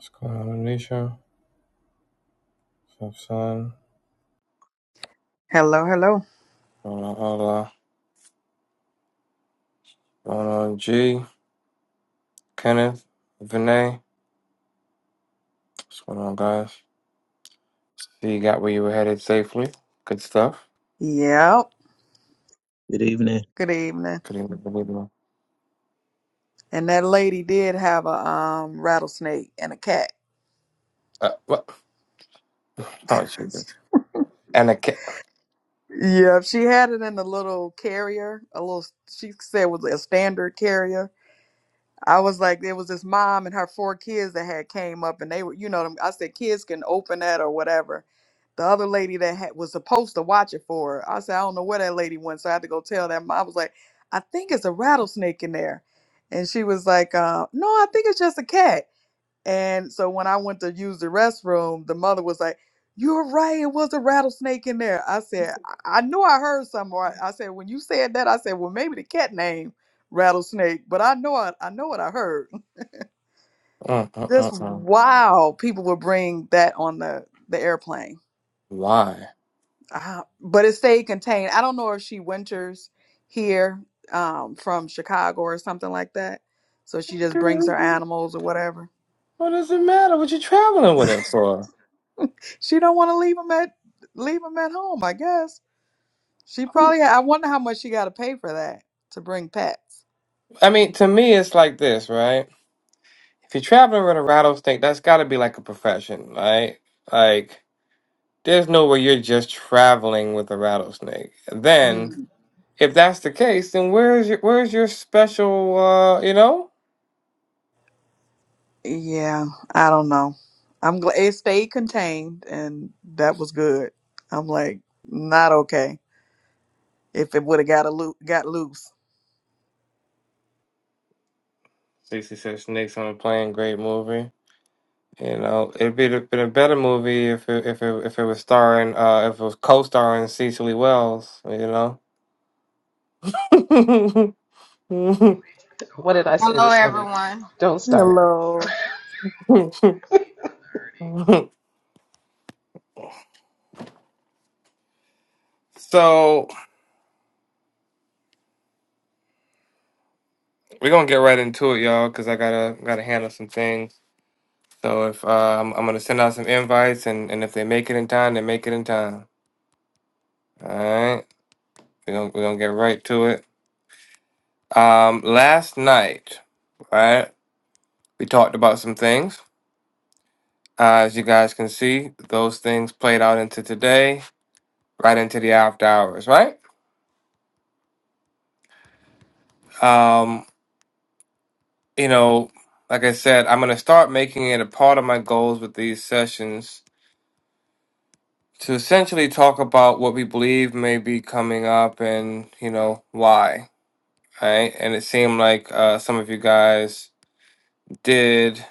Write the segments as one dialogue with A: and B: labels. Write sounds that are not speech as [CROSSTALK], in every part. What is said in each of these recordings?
A: Squanisha, Sampson,
B: Hello, hello.
A: Mona Ola, Mona G, Kenneth, Vinay. What's going on, guys? See, you got where you were headed safely. Good stuff.
B: Yep.
C: Good evening.
B: Good evening.
A: Couldn't believe it.
B: And that lady did have a um rattlesnake and a cat.
A: Uh, what? Oh, Jesus. And a cat.
B: Yep, she had it in a little carrier, a little she said it was a standard carrier. I was like, there was this mom and her four kids that had came up and they were, you know, them I said kids can open that or whatever. The other lady that had, was supposed to watch it for her, I said, I don't know where that lady went, so I had to go tell that mom. I was like, I think it's a rattlesnake in there, and she was like, uh, No, I think it's just a cat. And so when I went to use the restroom, the mother was like, You're right, it was a rattlesnake in there. I said, I, I knew I heard something. Or I, I said, When you said that, I said, Well, maybe the cat named rattlesnake, but I know I, I know what I heard.
A: Mm,
B: [LAUGHS]
A: mm,
B: Just
A: mm, mm.
B: wow, people would bring that on the, the airplane.
A: Why?
B: Uh, but it stayed contained. I don't know if she winters here um, from Chicago or something like that. So she just brings
A: Girl,
B: her animals or whatever.
A: What does it matter what you traveling with it for?
B: She don't want to leave them at leave them at home, I guess. She
A: Who-
B: probably. I wonder how much she got to pay for that to bring pets.
A: I mean, to me, it's like this, right? If you're traveling with a rattlesnake, that's got to be like a profession, right? Like, There's no way you're just traveling with a rattlesnake. Then,
B: Mm,
A: if that's the case, then where's your where's your special? uh, You know,
B: yeah, I don't know. I'm glad it stayed contained, and that was good. I'm like, not okay. If it would have got a loo- got loose.
A: Stacey said snakes on a plane. Great movie. You know, it'd be been a better movie if it, if it, if it was starring uh if it was co-starring Cecily Wells. You know. [LAUGHS]
D: What did I say
E: Hello,
D: this morning?
E: everyone.
D: Don't start.
B: Hello,
A: so we're gonna get right into it, y'all, because I gotta gotta handle some things. So if uh, I'm, I'm gonna send out some invites, and, and if they make it in time, they make it in time. All right, we're gonna, we're gonna get right to it. Um, last night, right, we talked about some things. Uh, as you guys can see, those things played out into today, right into the after hours, right? Um, you know, like I said, I'm gonna start making it a part of my goals with these sessions to essentially talk about what we believe may be coming up and you know why, right? And it seemed like uh, some of you guys did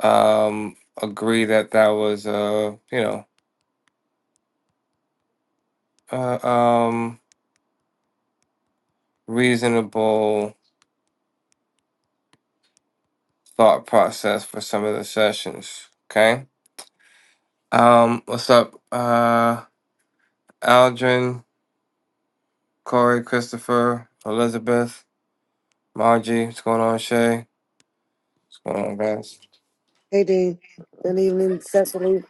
A: um agree that that was a you know a, um reasonable thought process for some of the sessions okay um what's up uh aldrin corey christopher elizabeth margie what's going on shay what's going on guys
F: Hey, Dean. Good evening, Cecily,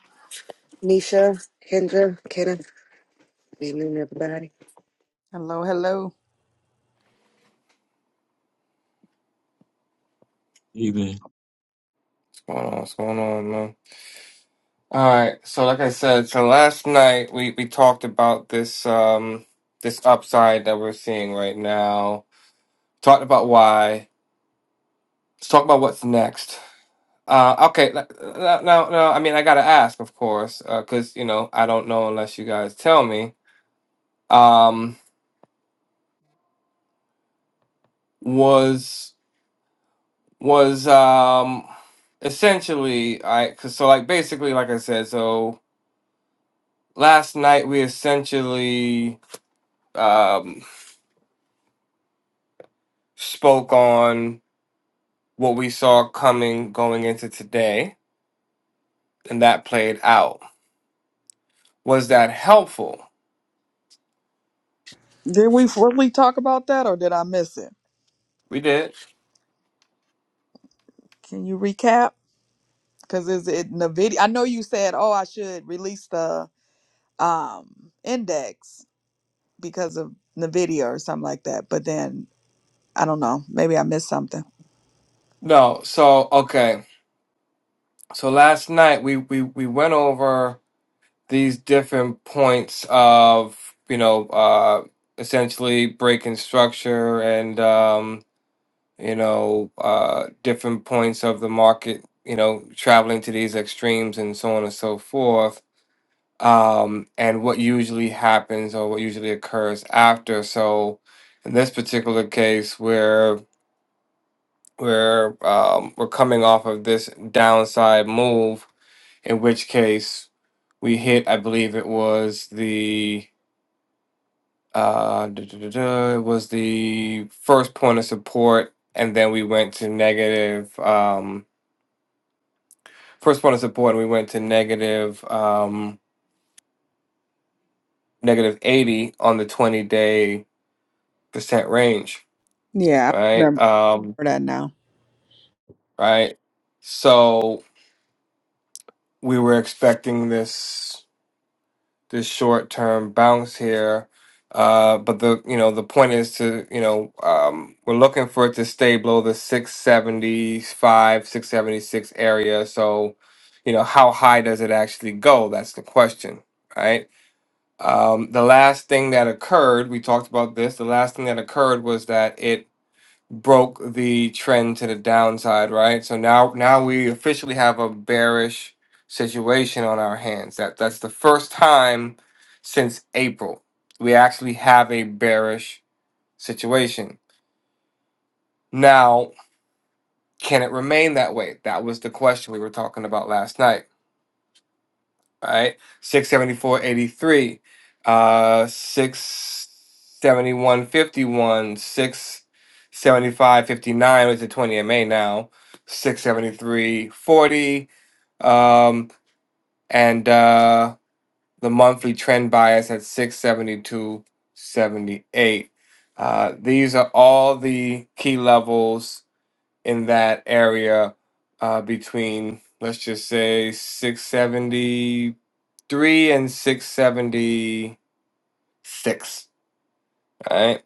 F: Nisha, Kendra, Kenna. Good evening, everybody.
B: hello, hello.
C: Even
A: what's going on what's going on man all right so like i said so last night we we talked about this um this upside that we're seeing right now talked about why Let's talk about what's next. Uh, okay, now, now, now, I mean, I gotta ask, of course, because you know I don't know unless you guys tell me. Um, was was um, essentially I cause, so like basically like I said, so last night we essentially um, spoke on what we saw coming going into today, and that played out. Was that helpful?
B: Did we fully talk about that, or did I miss it?
A: We did.
B: Can you recap? Because is it in the video? I know you said, oh, I should release the um index because of the video or something like that. But then I don't know. Maybe I missed something.
A: No, so okay. So last night we we we went over these different points of you know uh essentially breaking structure and um you know uh different points of the market you know traveling to these extremes and so on and so forth um and what usually happens or what usually occurs after so in this particular case where we're we're, um we're coming off of this downside move in which case we hit i believe it was the uh duh, duh, duh, duh, it was the first point of support and then we went to negative um first point of support and we went to negative um negative 80 on the 20 day percent range
B: Yeah, I
A: right
B: remember
A: um
B: that now.
A: right so we were expecting this this short term bounce here. Uh, but the you know the point is to you know um, we're looking for it to stay below the 675 676 area so you know how high does it actually go that's the question right um, the last thing that occurred we talked about this the last thing that occurred was that it broke the trend to the downside, right? So now now we officially have a bearish situation on our hands. That that's the first time since April we actually have a bearish situation. Now, can it remain that way? That was the question we were talking about last night. All right, six seventy four eighty three, uh, six seventy one fifty one, six seventy five fifty nine with the twenty MA now, six seventy three forty, um, and uh, the monthly trend bias at six seventy two seventy eight. Uh, these are all the key levels in that area uh, between let's just say 670 three and six seventy six. All right,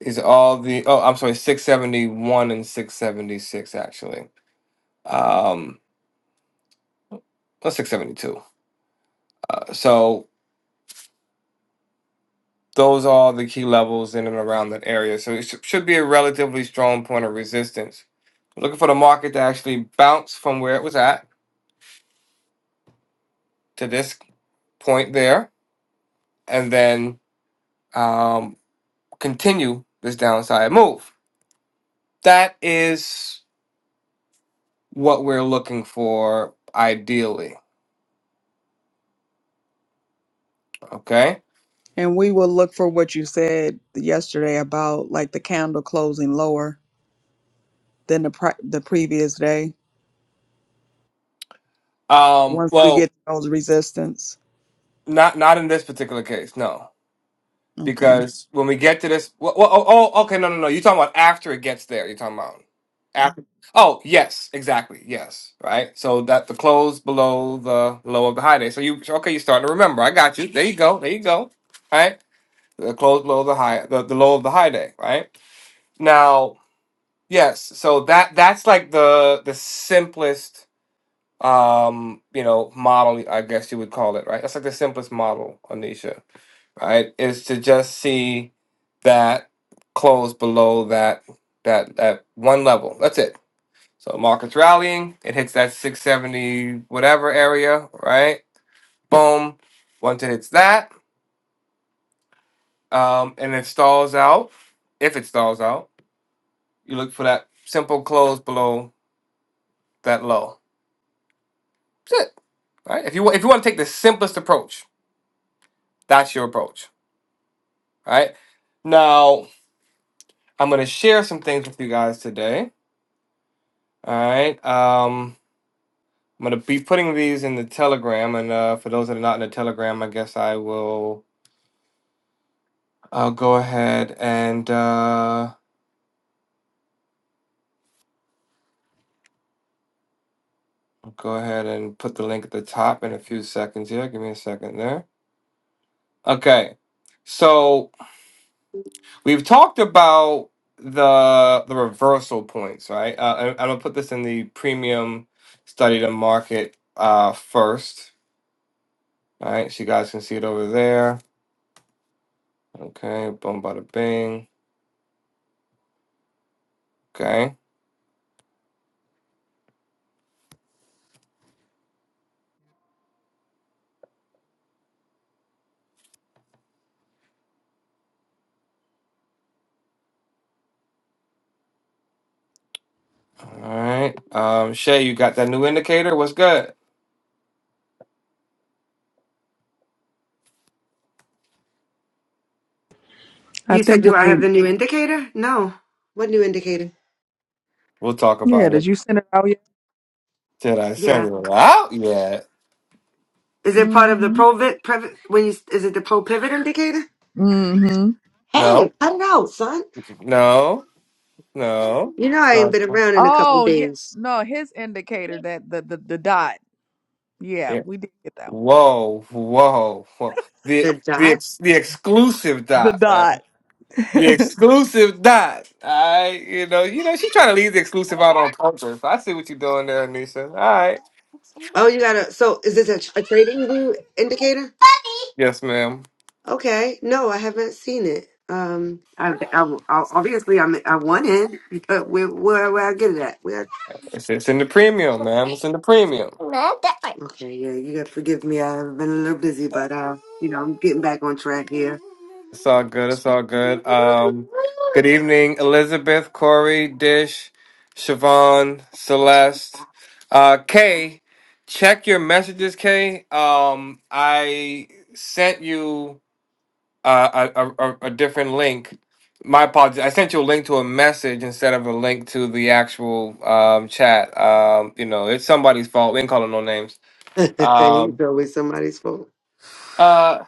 A: is all the oh I'm sorry six seventy one and six seventy six actually. Um, well, six seventy two. Uh, so those are all the key levels in and around that area. So it sh- should be a relatively strong point of resistance. Looking for the market to actually bounce from where it was at to this point there, and then um, continue this downside move. That is. what we're looking for ideally okay
B: And we will look for what you said yesterday about like the candle closing lower than the pri the previous day.
A: um
B: Once we get
A: well
B: to those resistance.
A: not not in this particular case no
B: Okay.
A: because when we get to this well, well, oh, oh okay no no no you're talking about after it gets there you're talking about after oh yes exactly yes right so that the close below the low of the high day so you okay you're starting to remember i got you there you go there you go right the close below the high the, the low of the high day right now yes so that that's like the the simplest um you know model i guess you would call it right that's like the simplest model anisha right is to just see that close below that that that one level that's it so market's rallying it hits that 670 whatever area right boom once it hits that um and it stalls out if it stalls out you look for that simple close below that low that's it right if you wa- if you want to take the simplest approach that's your approach All right. Now, I'm going to share some things with you guys today. All right. Um, I'm going to be putting these in the Telegram. And uh, for those that are not in the Telegram, I guess I will. I'll go ahead and uh, go ahead and put the link at the top in a few seconds here. Give me a second there. Okay. So we've talked about the the reversal points, right? Uh, I, I'm gonna put this in the premium study to market uh, first All right, so you guys can see it over there. Okay, boom, bada bing. Okay, all right. Um, Shay, you got that new indicator? What's good?
B: I
F: You said,
B: think we
F: do I have the
B: need.
F: new indicator? No. What new indicator?
A: We'll talk
B: Yeah.
A: about it.
B: Did you send it out yet?
A: Did I send
F: Yeah.
A: it out yet?
F: Is it part of the
B: Mm-hmm.
F: pro pivot? When you is it the pro pivot indicator?
B: Mm-hmm.
F: Hey,
A: No,
F: cut it out, son.
A: no, no.
F: You know
A: It's
F: I ain't
A: not.
F: been around in a couple of
B: Oh yeah.
F: days.
B: No, his indicator that the the, the dot. Yeah,
A: Yeah.
B: we did get that one.
A: Whoa, whoa, whoa. The
F: The
A: the
F: dot.
A: ex, the exclusive
B: The
A: dot, man.
B: dot.
A: The exclusive dot. I, you know, you know, she's trying to leave the exclusive out on purpose. I see what you're doing there, Anisha. All right.
F: Oh, you gotta. So is this a, tr- a trading view indicator?
A: Yes, ma'am.
F: Okay. No, I haven't seen it. Um, I, I, I obviously I'm, I want it. but Where, where, where I get it at?
A: It's, it's in the premium, man. It's in the premium.
F: Okay, yeah, you got to forgive me. I've been a little busy, but uh, you know, I'm getting back on track here.
A: It's all good. It's all good. Um, good evening, Elizabeth, Corey, Dish, Siobhan, Celeste, uh, Kay. Check your messages, Kay. Um, I sent you uh, a, a, a a different link. My apologies. I sent you a link to a message instead of a link to the actual um, chat. Um, you know, it's somebody's fault. We ain't calling no names.
F: [LAUGHS] it's
A: Um,
F: always somebody's fault. [LAUGHS]
A: uh,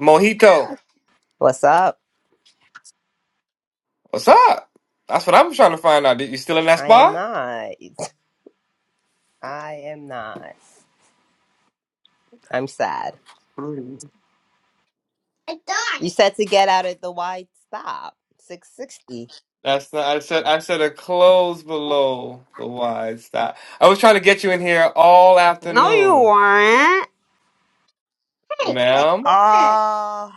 A: Mojito.
G: What's up?
A: What's up? That's what I'm trying to find out. Did you still in that
G: I am
A: spa?
G: not. I am not. I'm sad.
F: Mm.
G: You said to get out at the wide stop. 660.
A: That's the, I said. I said a close below the wide stop. I was trying to get you in here all
G: No, you
A: afternoon,
G: weren't.
A: ma'am.
G: Oh,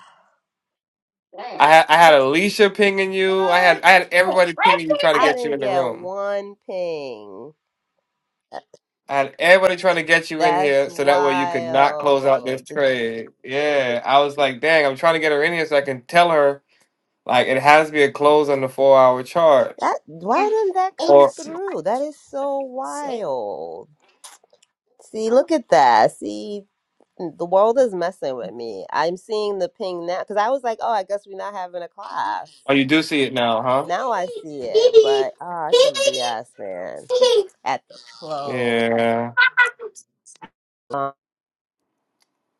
A: I had I had Alicia pinging you. I had
G: what?
A: I had everybody pinging you trying to
G: I
A: get you in
G: didn't
A: the
G: get
A: room.
G: one ping.
A: I had everybody trying to get you in
G: That's
A: here so that way you could not close out this
G: wild. The-
A: trade. Yeah, I was like, dang, I'm trying to get her in here so I can tell her like it has to be a close on the four hour chart.
G: That why didn't that come
A: Or
G: through? That is so wild. See, look at that. See, the world is messing with me. I'm seeing the ping now because I was like, oh, I guess we're not having a class.
A: oh, you do see it now, huh?
G: Now I see it, but ah, it's some BS, man. At the close,
A: Yeah.
G: Uh,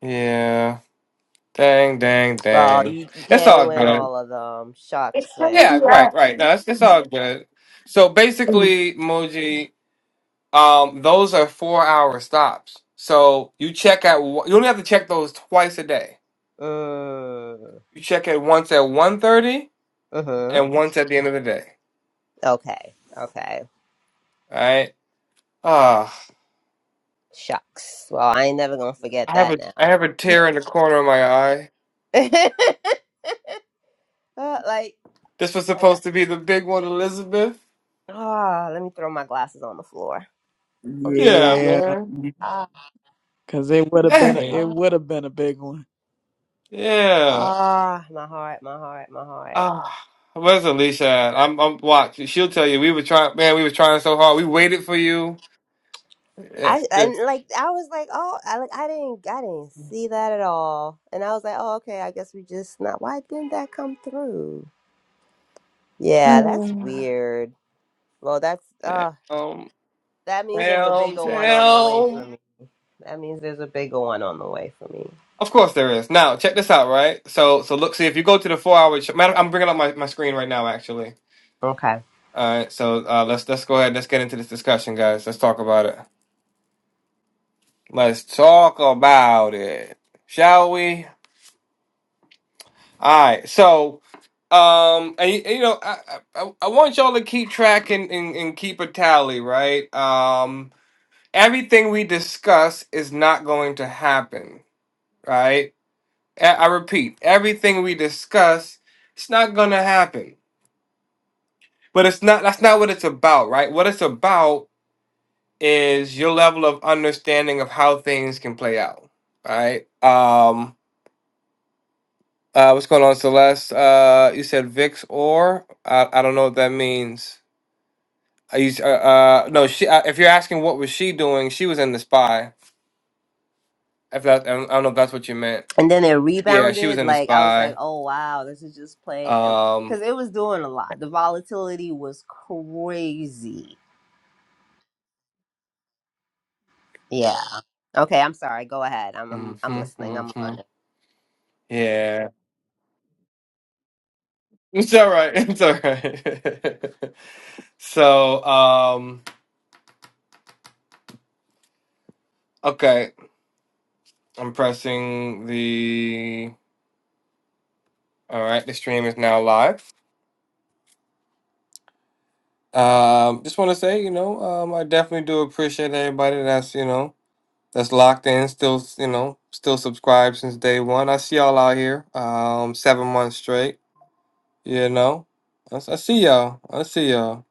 A: Yeah. Dang, dang,
G: well,
A: dang.
G: you, you
A: It's
G: can't
A: all
G: win
A: good.
G: all of them. Shucks, man.
A: Yeah, right, right. No, it's, it's all good. So basically, Moji, um, those are four hour stops. So you check at one- you only have to check those twice a day.
G: Mm.
A: You check at once at one thirty
G: Mhm.
A: and once at the end of the day.
G: Okay. Okay.
A: All right. Ah,
G: Shucks. Well, I ain't never gonna
A: I
G: forget
A: have
G: that
A: a I
G: now.
A: have a tear in the corner of my eye.
G: [LAUGHS] Uh, like,
A: This was
G: like,
A: supposed to be the big one, Elizabeth.
G: ah, let me throw my glasses on the floor.
B: [LAUGHS]
G: I'll say
A: Yeah,
G: that.
B: yeah,
A: man.
G: Ah.
B: because it would have been a,
A: Dang.
B: it
G: ah.
B: would have been a big one.
A: Yeah.
G: Ah, my heart, my heart, my heart.
A: Ah, where's Alicia at? I'm, I'm watching. She'll tell you. We were trying, man. We were trying so hard. We waited for you. Yes,
G: I and
A: yes.
G: like I was like, oh, I like I didn't, I didn't see that at all, and I was like, oh, okay, I guess we just not. Why didn't that come through? Yeah, that's
A: down.
G: weird. Well, that's uh,
A: damn,
G: that means there's a bigger one on the way for
A: damn.
G: me. That means there's a bigger one on the way for me.
A: Of course there is. Now check this out, right? So, so look, see if you go to the four hour. Ch- Matter, I'm bringing up my, my screen right now, actually.
G: Okay.
A: All right, so uh, let's let's go ahead. Let's get into this discussion, guys. Let's talk about it. Let's talk about it, shall we? All right, so um, and, y- you know, I, I I want y'all to keep track and, and and keep a tally, right? Um, everything we discuss is not going to happen, right? I, I repeat, everything we discuss, it's not gonna happen. But it's not. That's not what it's about, right? What it's about is your level of understanding of how things can play out, right? Um, uh, what's going on, Celeste? Uh, you said Vix or I, I don't know what that means. I used uh, uh no she. Uh, if you're asking what was she doing, she was in the spy. If that I don't I don't know if that's what you meant.
G: And then it
A: Yeah, she was
G: rebounded.
A: in the
G: Like I was like,
A: spy.
G: oh wow, this is just playing
A: Um.
G: because it was doing a lot. The volatility was crazy Yeah. Okay, I'm sorry. Go ahead. I'm I'm,
A: mhm,
G: I'm listening. I'm
A: mhm.
G: learning.
A: Yeah. [LAUGHS] It's all right. [LAUGHS] It's all right. [LAUGHS] so um. Okay, I'm pressing the. All right, the stream is now live. Um, just want to say, you know, um, I definitely do appreciate everybody that's you know that's locked in, still, you know, still subscribed since day one. I see y'all out here, um, seven months straight. You know, I, s- I see y'all. I see y'all.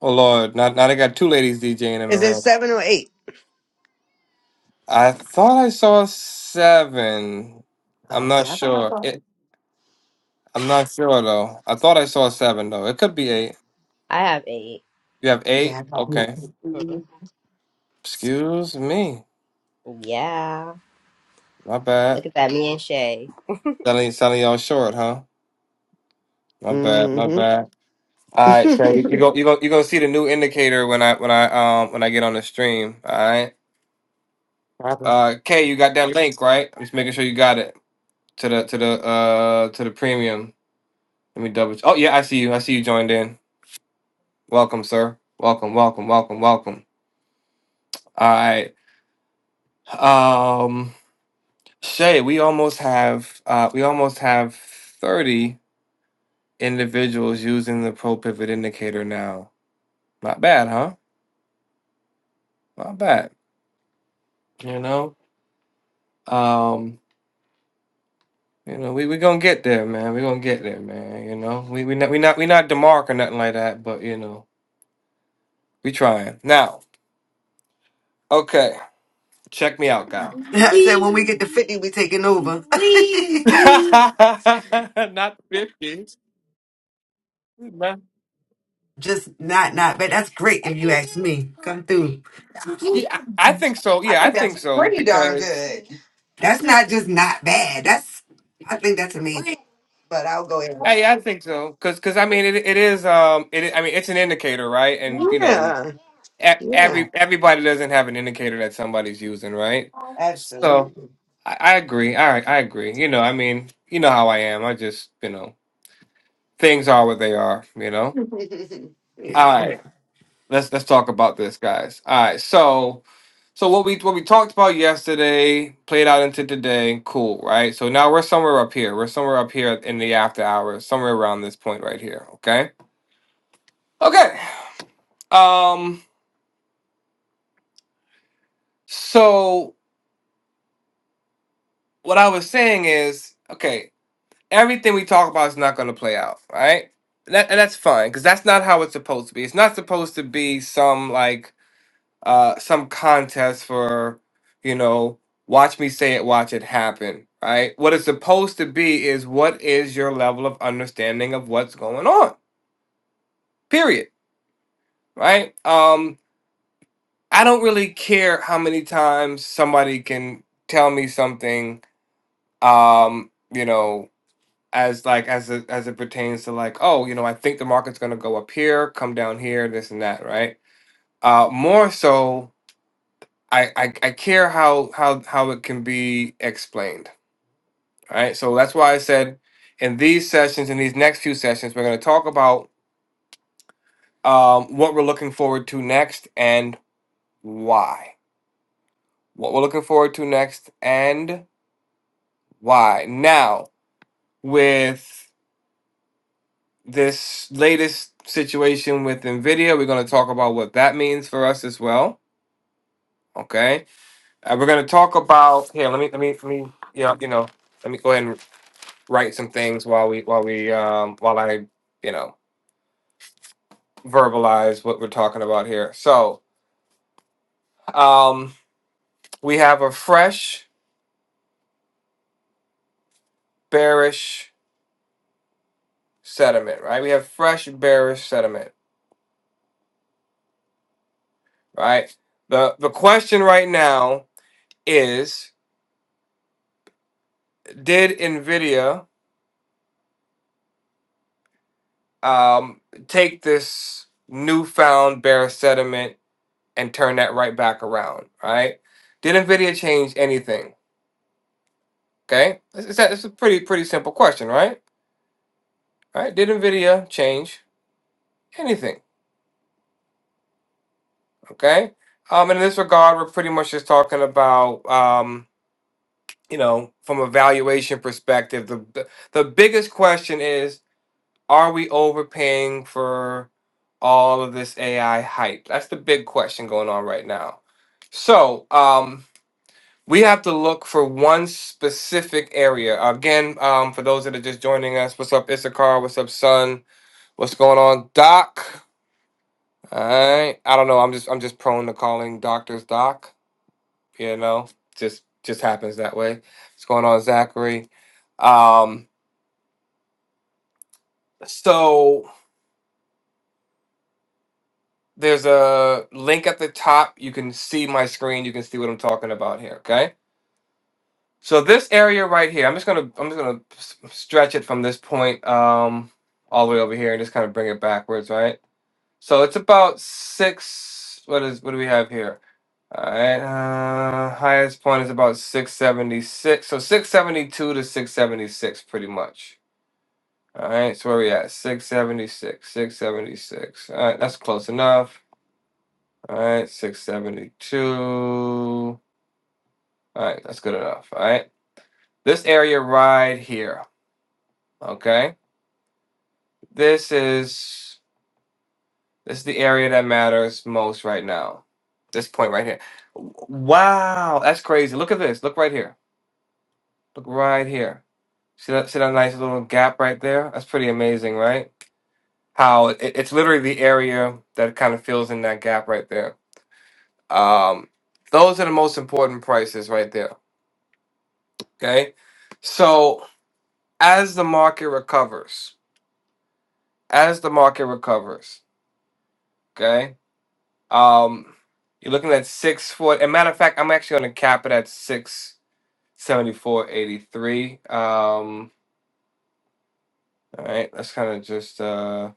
A: Oh Lord, now now they got two ladies DJing in the
F: Is it
A: room.
F: seven or eight?
A: I thought I saw seven. I'm
F: Oh, okay,
A: not
F: I thought I
A: sure.
F: thought.
A: It,
F: it-
A: I'm not sure though. I thought I saw seven though. It could be eight.
G: I have 8
A: You have eight.
F: Yeah. I thought eight.
A: Okay.
G: Mhm.
A: Excuse me.
G: Yeah.
A: My bad.
G: Look at that, me and Shay.
A: Selling selling y'all short, huh? My bad. My
F: Mm-hmm.
A: bad. All right, Trey, you go, you go, you go see the new indicator when I, when I, um, when I get on the stream. All right,
F: [LAUGHS] Problem.
A: uh, Kay, you got that link right? I'm just making sure you got it to the, to the, uh, to the premium. Let me double. Oh yeah, I see you. I see you joined in. Welcome, sir. Welcome, welcome, welcome, welcome. All right, um, Shay, we almost have, uh, we almost have thirty individuals using the pro pivot indicator now. Not bad, huh? Not bad. You know, um. You know, we we gonna get there, man. We gonna get there, man. You know, we we not we not we not Demarc or nothing like that, but you know, we trying now. Okay, check me out, guy.
F: I said when we get to fifty, we taking over.
A: [LAUGHS] not fifty. Nah.
F: [LAUGHS] Just not not, but that's great if you ask me. Come through.
A: Yeah, I I think so.
F: I
A: Yeah, I
F: think that's
A: think so
F: pretty darn
A: because
F: good. That's not just not bad. That's I think that's amazing. but I'll go ahead.
A: hey, I
F: [LAUGHS]
A: think so because because I mean it it is um it I I mean it's an indicator, right? And you know,
F: Yeah.
A: e-
F: Yeah.
A: every everybody doesn't have an indicator that somebody's using, right? So,
F: Absolutely.
A: I, I agree. I I agree. You know, I mean, you know how I am. I just, you know, things are what they are. You know.
F: [LAUGHS] yeah,
A: All
F: come
A: right,
F: on.
A: let's let's talk about this, guys. All right, so so what we what we talked about yesterday played out into today. Cool, right? So now we're somewhere up here. We're somewhere up here in the after hours, somewhere around this point right here. Okay. Okay. Um. So what I was saying is, okay. everything we talk about is not going to play out, right? And, that, and that's fine because that's not how it's supposed to be. It's not supposed to be some like uh some contest for you know watch me say it, watch it happen, right? What it's supposed to be is what is your level of understanding of what's going on. Period, right? Um, I don't really care how many times somebody can tell me something. Um, you know as like as it as it pertains to like oh you know i think the market's going to go up here come down here this and that right uh more so I, I i care how how how it can be explained right so that's why i said in these sessions in these next few sessions we're going to talk about um what we're looking forward to next and why what we're looking forward to next and why now with this latest situation with Nvidia. We're going to talk about what that means for us as well. Okay, uh, we're going to talk about here. Let me let me let me yeah you know let me go ahead and write some things while we while we um while I you know verbalize what we're talking about here. So um we have a fresh bearish sediment, right? We have fresh bearish sediment, right? The the question right now is did Nvidia um, take this newfound bare sediment and turn that right back around, right? Did NVIDIA change anything? Okay, it's, it's a, it's a pretty pretty simple question, right? Right? Did NVIDIA change anything? Okay, um, and in this regard, we're pretty much just talking about um, you know from a valuation perspective. The the the biggest question is Are we overpaying for all of this AI hype? That's the big question going on right now. So um, we have to look for one specific area. Again, um, for those that are just joining us, what's up, Issachar? What's up, Son? What's going on, Doc? All right. I don't know. I'm just I'm just prone to calling doctors Doc. You know, just just happens that way. What's going on, Zachary? Um, so There's a link at the top. You can see my screen. You can see what I'm talking about here. Okay. So this area right here, I'm just gonna I'm just gonna s- stretch it from this point um all the way over here and just kind of bring it backwards, right? So it's about six. What is what do we have here? All right. Uh, highest point is about 676. So 672 to 676, pretty much. All right. So where we at? 676. 676. All right. That's close enough. All right, 672. All right, that's good enough. All right. This area right here, okay? This is this is the area that matters most right now. This point right here. Wow, that's crazy. Look at this. Look right here. Look right here. See that see that nice little gap right there? That's pretty amazing, right? How it, it's literally the area that kind of fills in that gap right there. Um, those are the most important prices right there. Okay. So as the market recovers, as the market recovers, okay. Um, you're looking at six four. And matter of fact, I'm actually going to cap it at six seventy four eighty three. Um, all right, let's kind of just uh,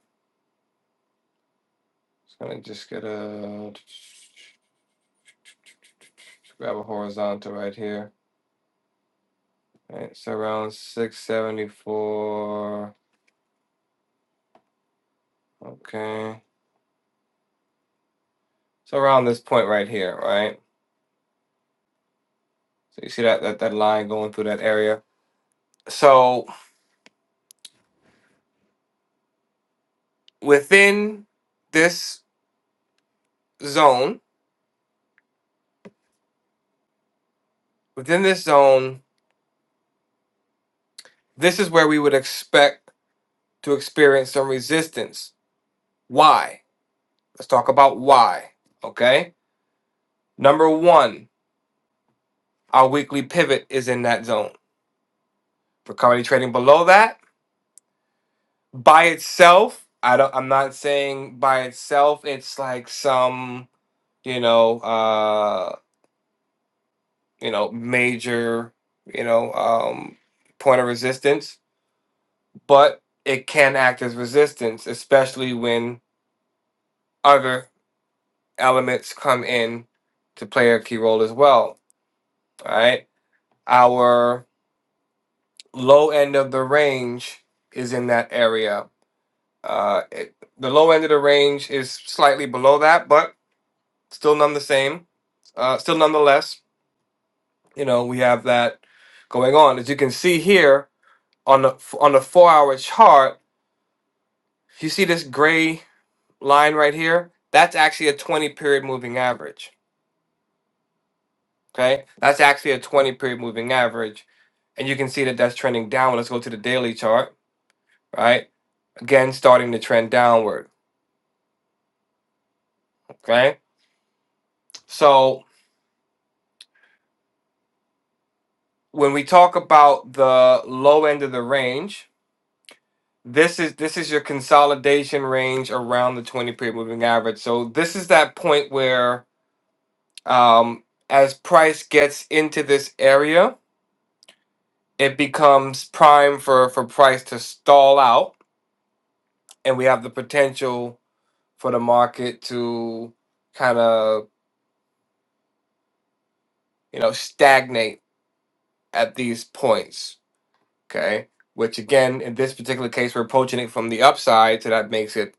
A: just kind of just get a grab a horizontal right here. All right, so around six seventy four. Okay, so around this point right here, right? So you see that that that line going through that area. So within this zone, within this zone, this is where we would expect to experience some resistance. Why? Let's talk about why. Okay. Number one, our weekly pivot is in that zone. For currently trading below that, by itself, I don't I'm not saying by itself it's like some, you know, uh, you know, major, you know, um point of resistance but it can act as resistance, especially when other elements come in to play a key role as well. All right, our low end of the range is in that area. Uh, it, the low end of the range is slightly below that, but still none the same. Uh, still nonetheless, you know, we have that going on. As you can see here on the on the four hour chart, you see this gray line right here, that's actually a 20 period moving average. Okay, that's actually a 20 period moving average. And you can see that that's trending downward. Let's go to the daily chart, right? Again, starting to trend downward. Okay, so when we talk about the low end of the range, this is this is your consolidation range around the 20 period moving average. So this is that point where um, as price gets into this area, it becomes prime for for price to stall out and we have the potential for the market to kind of you know stagnate at these points okay which again in this particular case we're approaching it from the upside so that makes it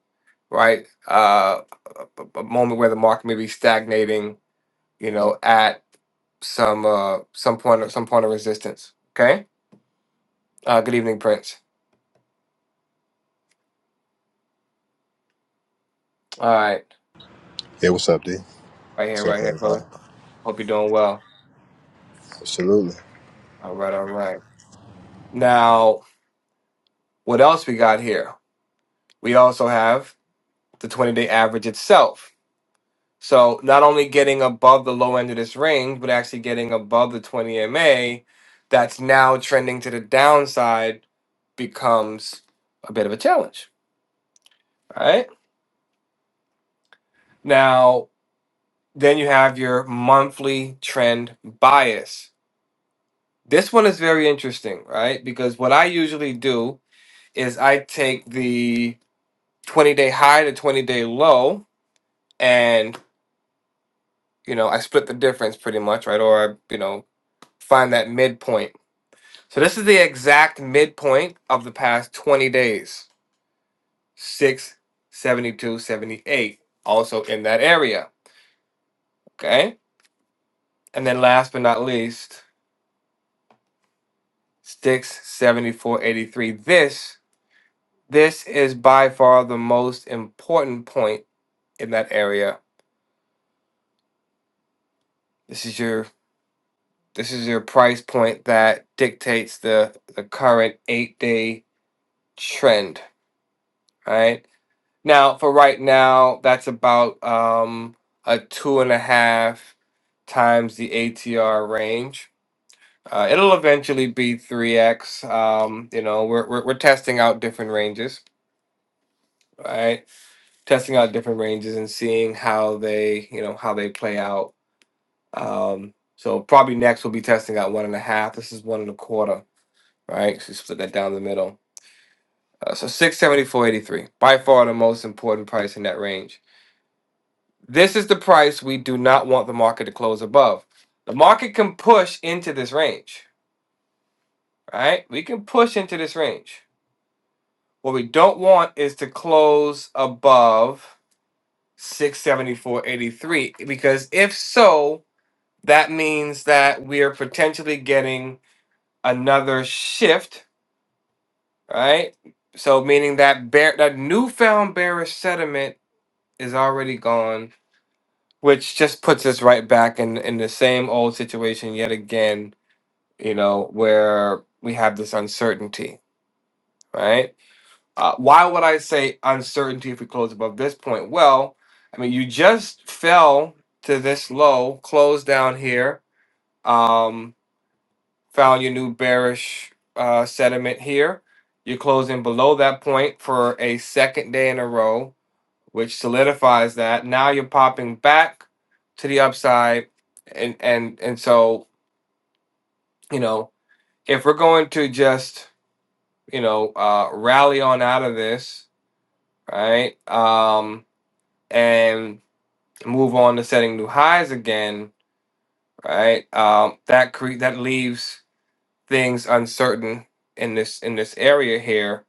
A: right uh a, a moment where the market may be stagnating you know at some uh some point of some point of resistance okay uh good evening prince all right
H: Hey, what's up, D?
A: right
H: What's
A: here
H: up,
A: right here
H: everybody?
A: brother hope you're doing well
H: Absolutely.
A: All right, all right. Now, what else we got here? We also have the 20 day average itself. So, not only getting above the low end of this range, but actually getting above the 20 MA that's now trending to the downside becomes a bit of a challenge. All right. Now, then you have your monthly trend bias. This one is very interesting, right? Because what I usually do is I take the 20 day high to 20 day low and you know I split the difference pretty much, right? Or I, you know find that midpoint. So this is the exact midpoint of the past 20 days. 6 72, 78. also in that area, okay? And then last but not least, 6 74, 83. This this is by far the most important point in that area. This is your this is your price point that dictates the the current 8-day trend All right. Now, for right now, that's about um, a two and a half times the ATR range. Uh, it'll eventually be 3x. Um, you know, we're, we're, we're testing out different ranges, right? Testing out different ranges and seeing how they, you know, how they play out. Um, so probably next we'll be testing out one and a half. This is one and a quarter, right? So you split that down the middle. Uh, so 674.83, by far the most important price in that range. This is the price we do not want the market to close above. The market can push into this range, right? We can push into this range. What we don't want is to close above 674.83 because if so, that means that we are potentially getting another shift, right? So meaning that bear that newfound bearish sentiment is already gone, which just puts us right back in in the same old situation yet again you know, where we have this uncertainty, right? Uh, why would I say uncertainty if we close above this point? Well, I mean, you just fell to this low, closed down here, um, found your new bearish uh, sediment here. You're closing below that point for a second day in a row, which solidifies that. Now you're popping back to the upside, and and and so you know if we're going to just you know, uh, rally on out of this, right? Um, and move on to setting new highs again, right? Um, that cre- that leaves things uncertain in this in this area here,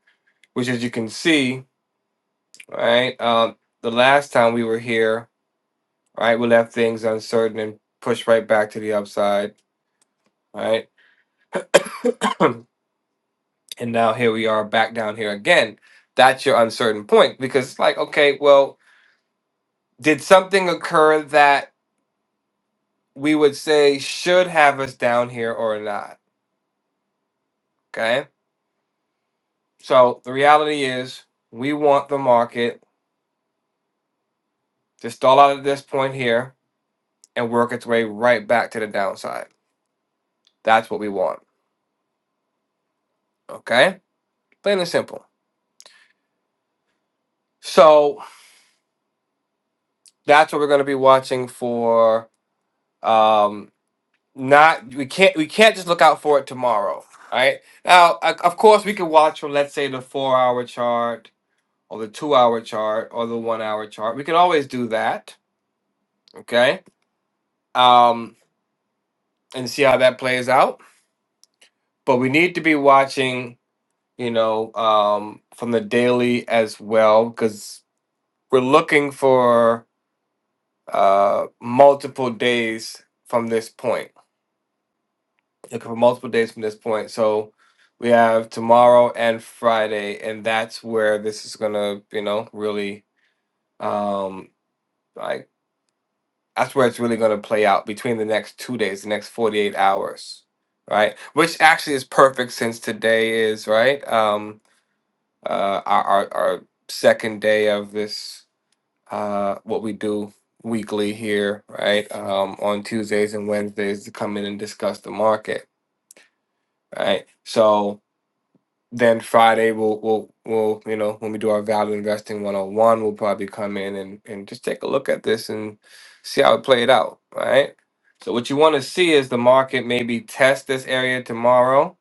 A: which as you can see, right? Um, the last time we were here, right, we left things uncertain and pushed right back to the upside, right? [CLEARS THROAT] and now here we are back down here again. That's your uncertain point because it's like, okay, well, did something occur that we would say should have us down here or not. Okay. So the reality is we want the market to stall out at this point here and work its way right back to the downside. That's what we want. Okay. Plain and simple. So that's what we're going to be watching for. Um, not we can't we can't just look out for it tomorrow. All right. Now, o- of course, we can watch for let's say the four hour chart or the two hour chart or the one hour chart. We can always do that. Okay um, and see how that plays out. But we need to be watching, you know, um, from the daily as well, because we're looking for uh, multiple days from this point. Looking for multiple days from this point. So we have tomorrow and Friday, and that's where this is gonna, you know, really um, like That's where it's really going to play out between the next two days, the next 48 hours, right? Which actually is perfect since today is, right? Um, uh, our, our, our second day of this, uh, what we do weekly here, right? Um, on Tuesdays and Wednesdays to come in and discuss the market, right? So, then Friday we'll we'll we'll you know when we do our value investing one on one we'll probably come in and and just take a look at this and see how it played out, right? So what you want to see is the market maybe test this area tomorrow,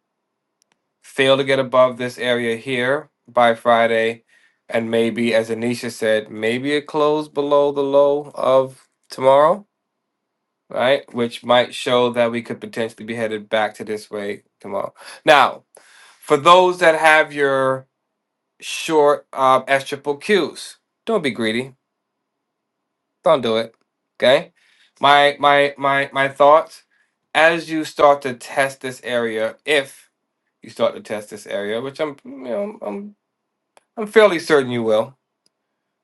A: fail to get above this area here by Friday, and maybe as Anisha said, maybe it closed below the low of tomorrow, right? Which might show that we could potentially be headed back to this way tomorrow. Now, for those that have your short um, S triple Qs. Don't be greedy. Don't do it. Okay. My my my my thoughts as you start to test this area, if you start to test this area, which I'm you know I'm I'm fairly certain you will.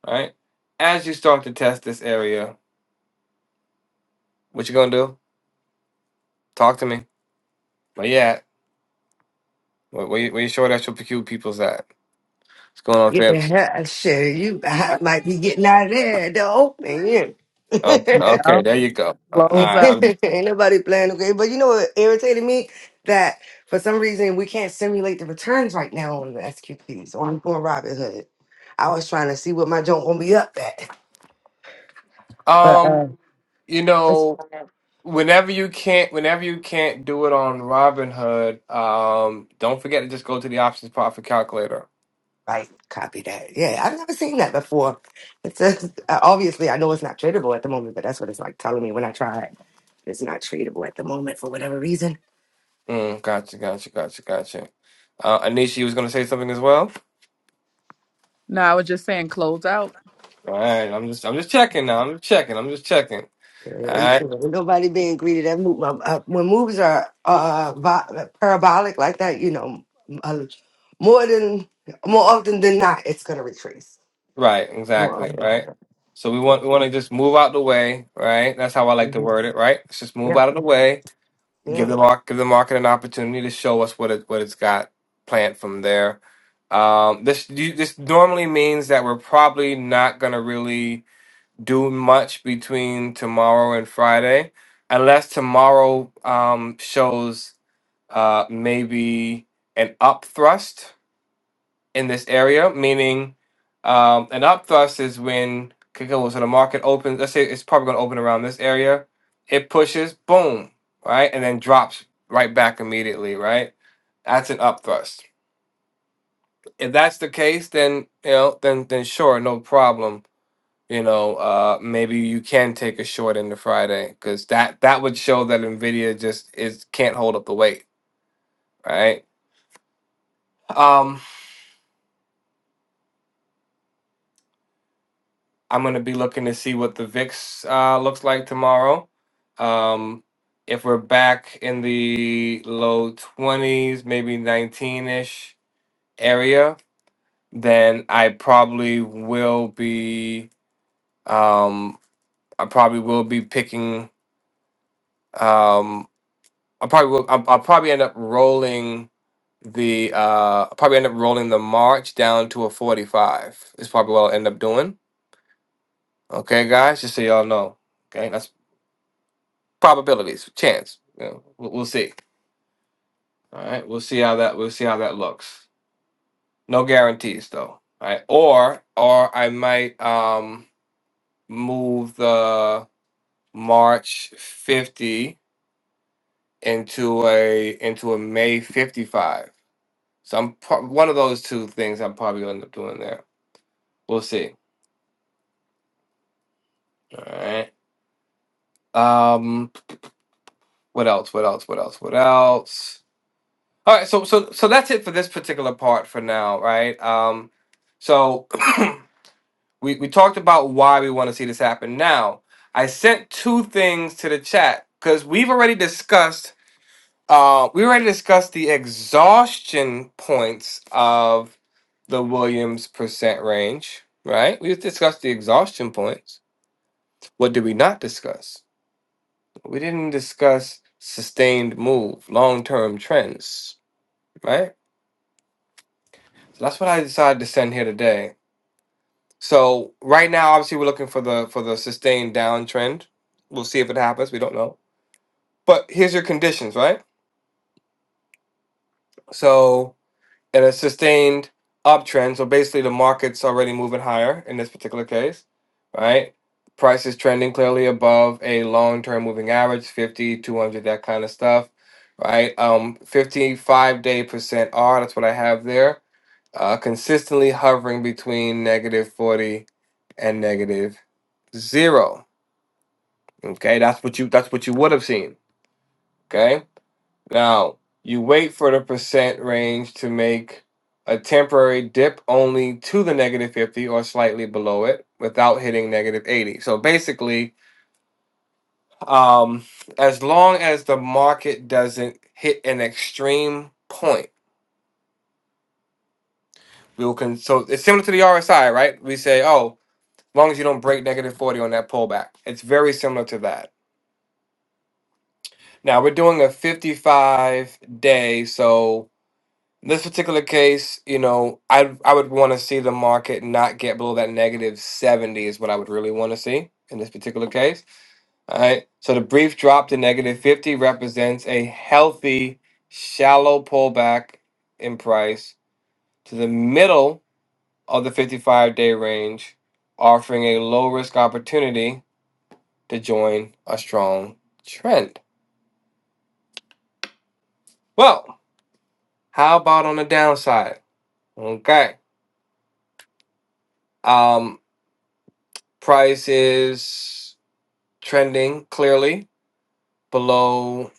A: Right. As you start to test this area, what you gonna do? Talk to me. Where you at? Where, where, you, where you short S triple Q people's at? What's going on,
F: Get the
A: Fibs?
F: hell out of shit. You I might be getting out of there at the open. Yeah.
A: Okay,
B: Yeah.
A: okay, there you go. All
B: Close out.
A: right.
F: [LAUGHS] Ain't nobody playing okay. But you know what irritated me? That for some reason we can't simulate the returns right now on the SQPs on, on Robinhood. I was trying to see what my joint gonna be up at.
A: I'm,
F: But
A: um,
F: uh
A: you know. Whenever you can't, whenever you can't do it on Robinhood, um, don't forget to just go to the options part for calculator.
F: Right, copy that. Yeah, I've never seen that before. It's just, uh, obviously I know it's not tradable at the moment, but that's what it's like telling me when I try it. It's not tradable at the moment for whatever reason.
A: Mm, gotcha, gotcha, gotcha, gotcha. Uh, Anisha, you was gonna say something as well.
B: No, I was just saying close out.
A: All right, I'm just, I'm just checking now. I'm just checking. I'm just checking.
F: Yeah,
A: All
F: Right,
A: right,
F: so ain't nobody being greedy. That move, uh, uh, when moves are uh, vi- uh, parabolic like that, you know, m- uh, more than more often than not, it's gonna retrace.
A: right,
F: More
A: exactly,
F: often than
A: right.
F: not.
A: So we want, we want to just move out the way, right? That's how I like to
F: Mhm.
A: word it, right? Let's just move
F: Yeah,
A: out of the way. give
F: yeah.
A: the mark give the market an opportunity to show us what it what it's got planned from there. Um, this you- this normally means that we're probably not gonna really do much between tomorrow and Friday, unless tomorrow um, shows uh, maybe an up thrust in this area, meaning um, an up thrust is when okay, cool, so the market opens. Let's say it's probably going to open around this area. It pushes, boom, right, and then drops right back immediately, right. That's an up thrust. If that's the case, then you know, then then sure, no problem. You know, uh, maybe you can take a short into Friday because that that would show that Nvidia just is can't hold up the weight, right? Um, I'm going to be looking to see what the VIX uh, looks like tomorrow. Um, if we're back in the low 20s, maybe 19 ish area, then I probably will be. Um, I probably will be picking. Um, I probably will. I'll, I'll probably end up rolling the. Uh, I'll probably end up rolling the March down to a 45. Is probably what I'll end up doing. Okay, guys, just so y'all know. Okay, that's probabilities, chance. You know, we'll, we'll see. All right, we'll see how that we'll see how that looks. No guarantees though. All right, or or I might um move the March fifty into a into a May fifty five. So I'm pro- one of those two things I'm probably gonna end up doing there. We'll see. All right. Um. What else? What else? What else? What else? All right. So so so that's it for this particular part for now, right? Um. So we, we talked about why we want to see this happen. Now, I sent two things to the chat because we've already discussed uh, we already discussed the exhaustion points of the Williams percent range, right? We discussed the exhaustion points. What did we not discuss? We didn't discuss sustained move, long term trends, right? So that's what I decided to send here today. So right now, obviously, we're looking for the for the sustained downtrend. We'll see if it happens. We don't know. But here's your conditions, right? So and a sustained uptrend. So basically, the market's already moving higher in this particular case, right? Price is trending clearly above a long term moving average 50, 200, that kind of stuff, right? Um, 55 day percent R, that's what I have there, uh, consistently hovering between negative 40 and negative zero. Okay, that's what you that's what you would have seen. Okay, now, you wait for the percent range to make a temporary dip only to the negative 50 or slightly below it without hitting negative 80. So basically, um, as long as the market doesn't hit an extreme point, we will con- so it's similar to the RSI, right? We say, oh, as long as you don't break negative 40 on that pullback. It's very similar to that. Now we're doing a 55 day, so In this particular case, you know, I I would want to see the market not get below that negative 70 is what I would really want to see in this particular case. All right. So the brief drop to negative 50 represents a healthy shallow pullback in price to the middle of the 55-day range, offering a low-risk opportunity to join a strong trend. Well, how about on the downside? Okay. Um price is trending clearly below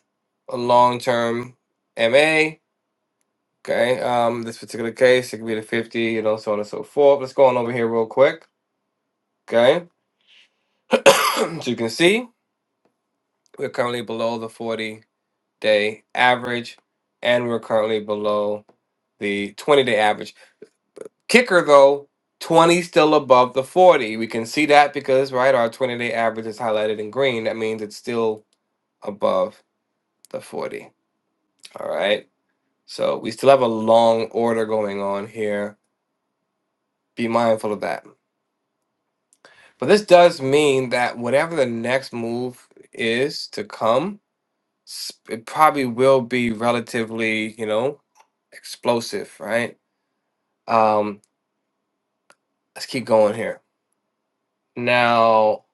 A: a long-term MA. Okay, um, this particular case, it could be the 50, you know, so on and so forth. Let's go on over here real quick. Okay, [CLEARS THROAT] so you can see we're currently below the 40-day average, and we're currently below the 20-day average. Kicker though, 20 still above the 40. We can see that because right, our 20-day average is highlighted in green. That means it's still above the 40. All right. So we still have a long order going on here. Be mindful of that. But this does mean that whatever the next move is to come, s- it probably will be relatively, you know, explosive, right? Um, let's keep going here. Now,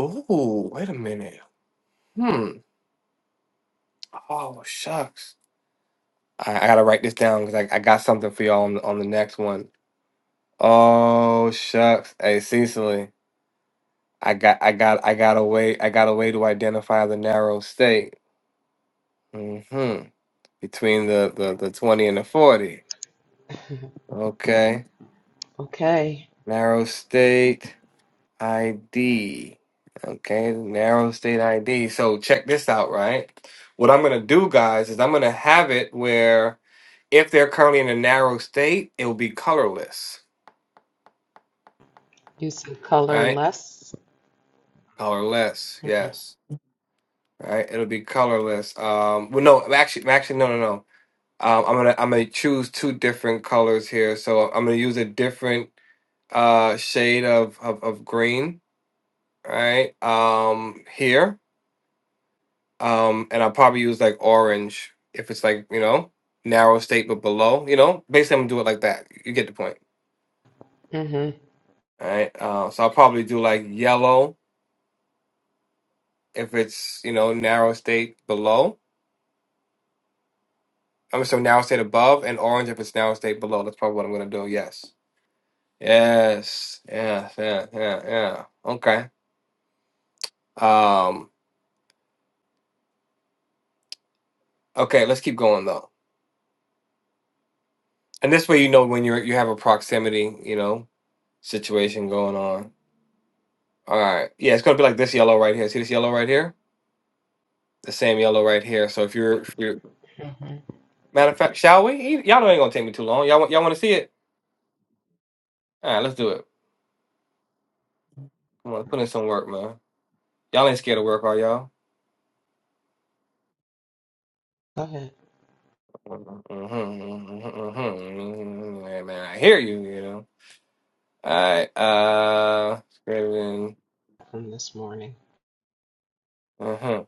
A: ooh, wait a minute. Hmm. Oh shucks. I, I gotta write this down because I, I got something for y'all on the, on the next one. Oh shucks. Hey Cecily. I got I got I got a way I got a way to identify the narrow state. hmm Between the, the, the twenty and the forty. Okay.
D: Okay.
A: Narrow state ID. Okay, narrow state ID. So check this out, right? What I'm gonna do, guys, is I'm gonna have it where if they're currently in a narrow state, it will be colorless.
D: You see color
A: Right?
D: less.
A: Colorless,
D: Okay.
A: yes. Right? It'll be colorless. Um well no, actually actually no no no. Um, I'm gonna I'm gonna choose two different colors here. So I'm gonna use a different uh, shade of, of of green, right? Um, here, um, and I'll probably use like orange if it's like you know narrow state but below. You know, basically I'm gonna do it like that. You get the point,
D: Mm-hmm.
A: all right? Uh, so I'll probably do like yellow if it's you know narrow state below. I'm so narrow state above, and orange if it's narrow state below. That's probably what I'm gonna do. Yes. Yes. Yeah. Yeah. Yeah. Yeah. Okay. Um, okay, let's keep going though. And this way you know when you're you have a proximity, you know, situation going on. All right. Yeah, it's gonna be like this yellow right here. See this yellow right here? The same yellow right here. So if you're if you're
D: Mm-hmm.
A: matter of fact, shall we? Y- Y'all know it ain't gonna take me too long. Y'all want y'all wanna see it? All right, let's do it. Come on, let's put in some work, man. Y'all ain't scared of work, are y'all?
D: Go ahead.
A: [LAUGHS] Hey, man, I hear you, you know. All right, uh, Scriven.
D: From this morning.
A: Uh-huh.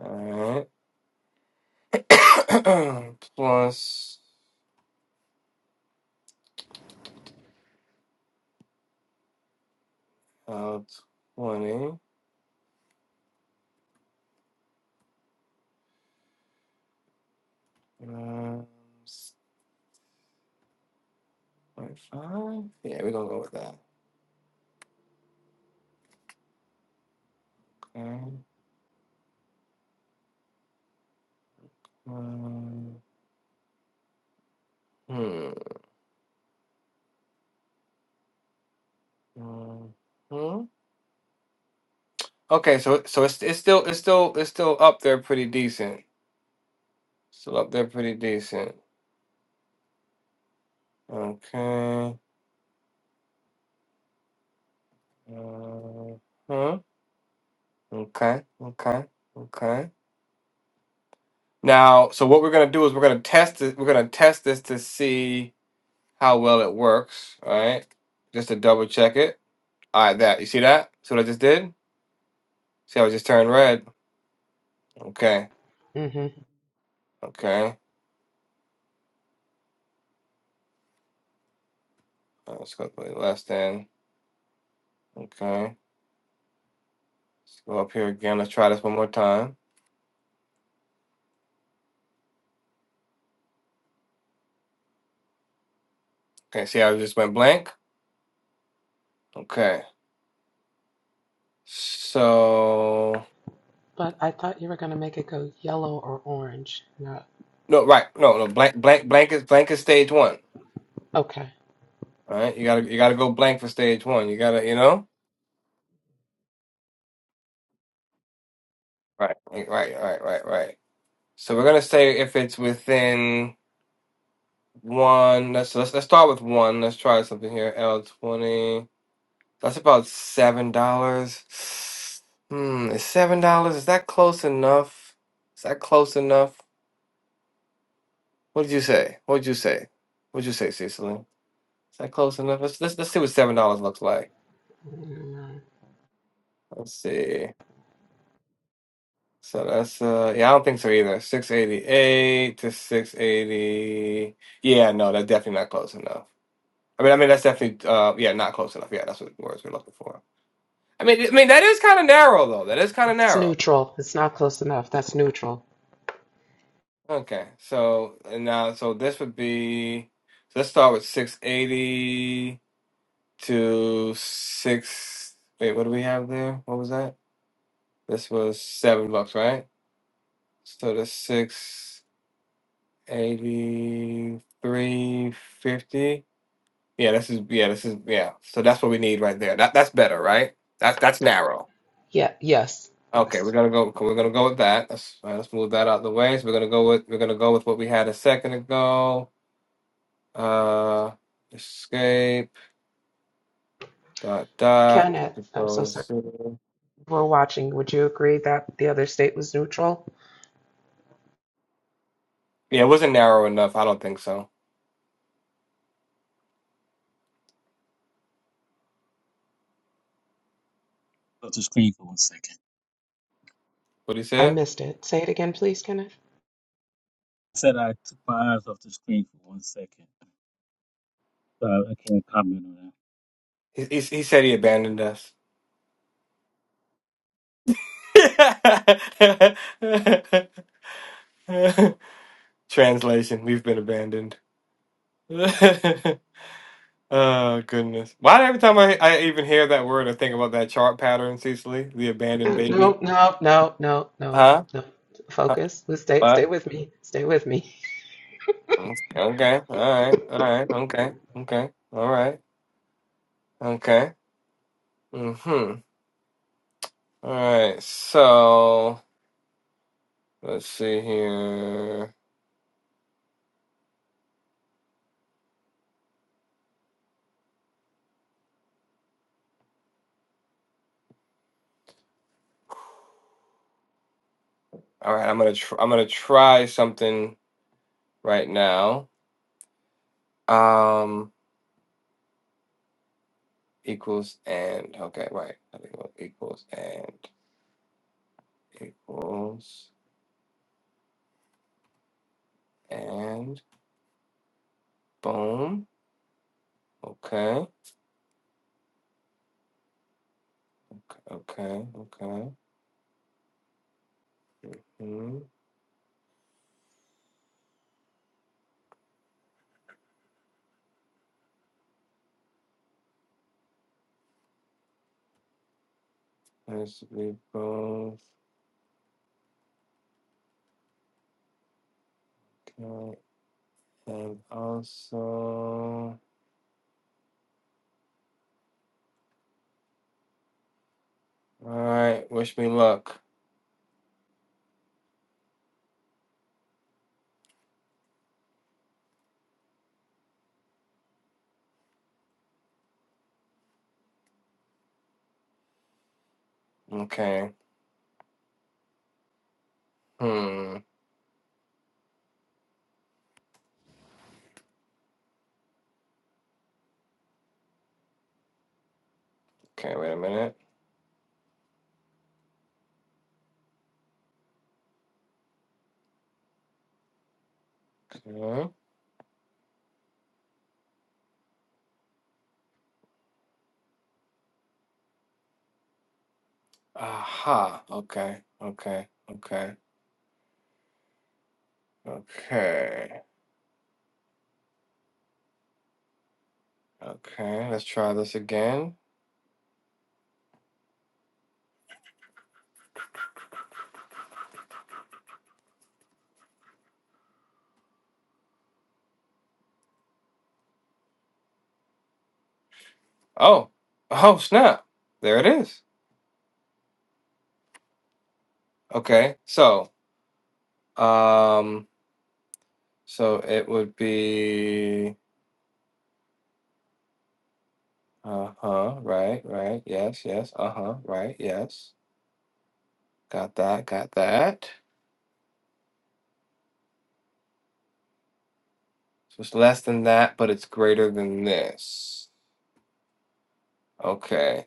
A: All right. [COUGHS] plus uh, 20 um, 25 yeah we're gonna go with that okay um, hmm. um, hmm. okay so so it's, it's still it's still it's still up there pretty decent still up there pretty decent okay uh, huh? okay okay okay now so what we're gonna do is we're gonna test it we're gonna test this to see how well it works. All right, just to double check it. All right, that you see that? See what I just did? See how it just turned red? Okay,
D: Mm-hmm.
A: okay. All right, let's go play less than. Okay, let's go up here again. Let's try this one more time. Okay, see how it just went blank? Okay, so
D: But I thought you were gonna make it go yellow or orange. Not
A: no, right? No, no. Blank, blank, blank is blank is stage one.
D: okay.
A: All right, you gotta you gotta go blank for stage one. You gotta you know. Right, right, right, right, right. right. So we're gonna say if it's within. One. Let's let's let's start with one. Let's try something here. L twenty. That's about seven dollars. Hmm, is seven dollars? Is that close enough? Is that close enough? What did you say? What did you say? What did you say, Cecily? Is that close enough? Let's let's, let's see what seven dollars looks like.
D: Mm,
A: Let's see. So that's uh yeah, I don't think so either. Six eighty eight to six eighty. Yeah, no, that's definitely not close enough. I mean, I mean that's definitely uh yeah, not close enough. Yeah, that's what the words we're looking for. I mean, I mean that is kind of narrow though. That is kind of
D: It's
A: narrow.
D: neutral. It's not close enough. That's neutral.
A: Okay, so and now so this would be so let's start with six eighty to six. Wait, what do we have there? What was that? This was seven bucks, right? So the six eighty three fifty. Yeah, this is yeah, this is yeah. So that's what we need right there. That that's better, right? That's that's narrow.
D: Yeah. Yes.
A: Okay, we're
D: Yes.
A: gonna go. okay, We're gonna go with that. Let's all right, let's move that out of the way. So we're gonna go with we're gonna go with what we had a second ago. Uh, escape dot dot.
D: Kenneth, I'm so
A: Control
D: sorry.
A: Z.
D: We're watching. Would you agree that the other state was neutral?
A: Yeah, it wasn't narrow enough. I don't think so.
C: off the screen for one second.
A: What he
D: I
A: said?
D: missed it. Say it again, please, Kenneth.
C: I said I took my eyes off the screen for one second, so I, I can't comment on that.
A: He he, he said he abandoned us. [LAUGHS] Translation: We've been abandoned. [LAUGHS] oh goodness! Why every time I I even hear that word, I think about that chart pattern, Cecily, the abandoned
D: Uh,
A: baby.
D: No, no, no, no, no,
A: Huh?
D: no.
A: Huh?
D: Focus. Let's Stay,
A: But
D: stay with me. Stay with me.
A: okay, all right, all right, okay, okay, all right, okay. Mm-hmm. All right. So let's see here. All right, I'm gonna tr I'm gonna try something right now. Um, equals and okay, right. I think it was equals and equals and boom. Okay, okay, okay. Hmm. Has to be both. okay. And also, all right, wish me luck. Okay. Hmm. Okay, wait a minute. Okay. Aha. Okay. Okay. Okay. Okay. Okay. Let's try this again. Oh. Oh, snap. There it is. Okay. So, um, so it would be uh-huh, right, right. Yes, yes. Uh-huh, right. Yes. Got that. Got that. So it's less than that, but it's greater than this. Okay.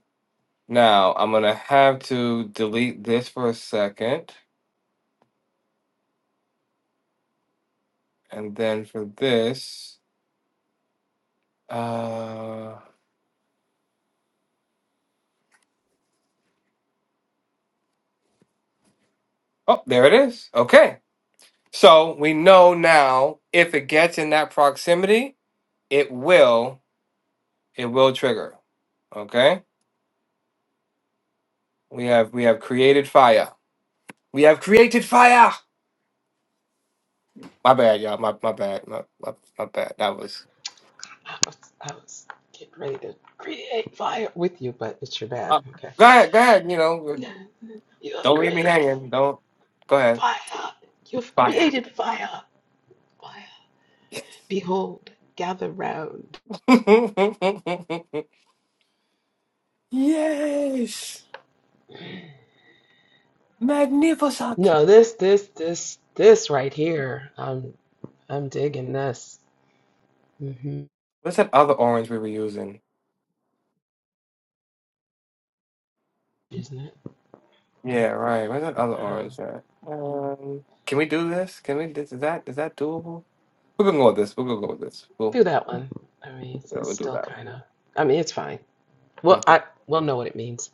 A: Now I'm gonna have to delete this for a second, and then for this, uh, oh, there it is. Okay. So we know now if it gets in that proximity, it will, it will trigger. Okay. We have we have created fire. We have created fire. My bad, y'all. My my bad. My my, my bad. That was.
D: I was, I was getting ready to create fire with you, but it's your bad.
A: Uh,
D: Okay.
A: go ahead. Go ahead. You know.
D: You have
A: Don't leave me
D: created
A: hanging. Don't. Go ahead.
D: fire. You have
A: Fire.
D: created fire. Fire. Behold, gather round.
A: [LAUGHS] yes. Magnificent.
D: No, this, this, this, this right here. I'm, I'm digging this. Mm-hmm.
A: What's that other orange we were using?
D: Isn't it?
A: Yeah, right. What's that other
D: Um,
A: orange at? Um, can we do this? Can we? Is that is that doable? We're gonna go with this. We're gonna go with this. We'll
D: do that one. I mean, it's, it's
A: we'll do
D: still
A: that.
D: kind of. I mean, it's fine. Well,
A: one. Mhm.
D: I will know what it means.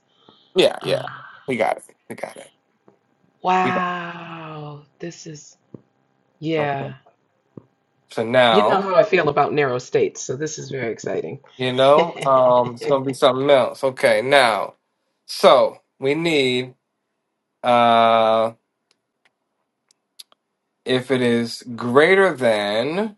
A: Yeah, yeah.
D: Uh,
A: We got it. We got it. We got
D: wow, this is
A: it. Okay.
D: yeah.
A: So
D: You know
A: now
D: how I feel about narrow states, so this is very exciting.
A: you
D: [LAUGHS]
A: know. Um, it's gonna be something else. Okay. Now, so we need. Uh. if it is greater than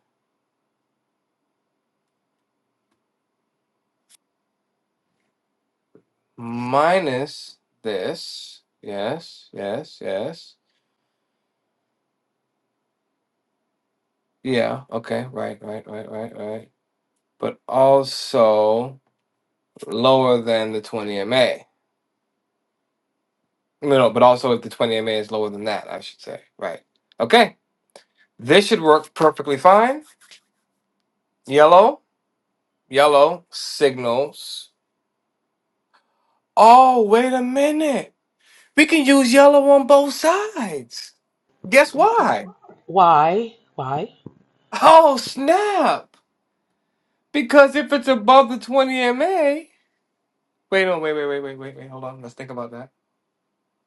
A: minus this, yes, yes, yes. Yeah, okay, right, right, right, right, right. But also lower than the 20 MA. No, no, but also if the 20 MA is lower than that, I should say. Right. Okay. This should work perfectly fine. Yellow, yellow signals. Oh, wait a minute. We can use yellow on both sides. Guess
D: Wh-
A: why?
D: Why? Why?
A: Oh, snap. Because if it's above the 20 MA. Wait, no, wait, wait, wait, wait, wait, wait. Hold on. Let's think about that.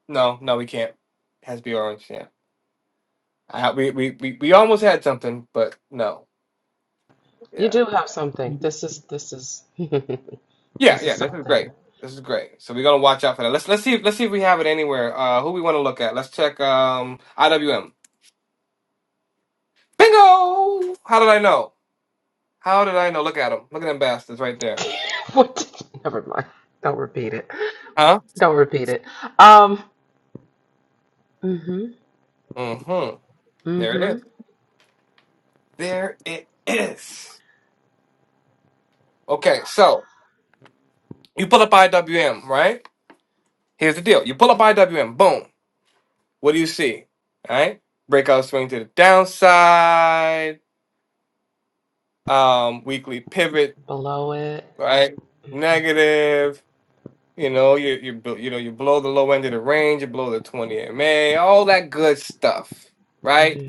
A: No, no, we can't. It has to be orange. Yeah. I, ha- we, we, we, we almost had something, but no.
D: You
A: Yeah.
D: do have something. This is this is [LAUGHS] this
A: Yeah,
D: is
A: yeah. This is great.
D: something.
A: This is great. So we're gonna watch out for that. Let's let's see if let's see if we have it anywhere. Uh who we wanna look at. Let's check um IWM. Bingo! How did I know? How did I know? Look at them. Look at them bastards right there.
D: [LAUGHS] what? did- Never mind. Don't repeat it.
A: Huh?
D: Don't repeat it. Um. Mhm.
A: Mm-hmm. There it
D: Mhm.
A: is. There it is. Okay, so you pull up IWM, right? Here's the deal. You pull up IWM, boom. What do you see? All right. Breakout swing to the downside. Um, weekly pivot,
D: Below it.
A: right?
D: Mhm.
A: Negative. You know, you you bl- you know, you blow the low end of the range, you blow the 20 MA, all that good stuff, right?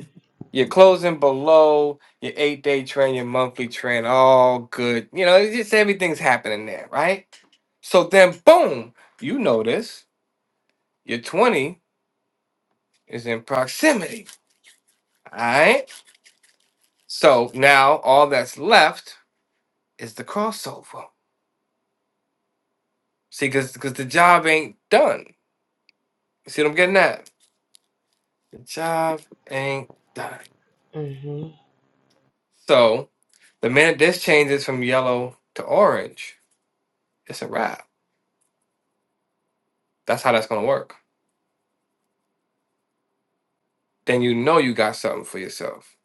A: You're closing below your eight day trend, your monthly trend, all good. You know, it's just everything's happening there, right? So then boom, you notice your 20 is in proximity. All right So now all that's left is the crossover. See, because because the job ain't done. See what I'm getting at? The job ain't done.
D: Mhm.
A: So the minute this changes from yellow to orange, it's a wrap. That's how that's gonna work. Then you know you got something for yourself.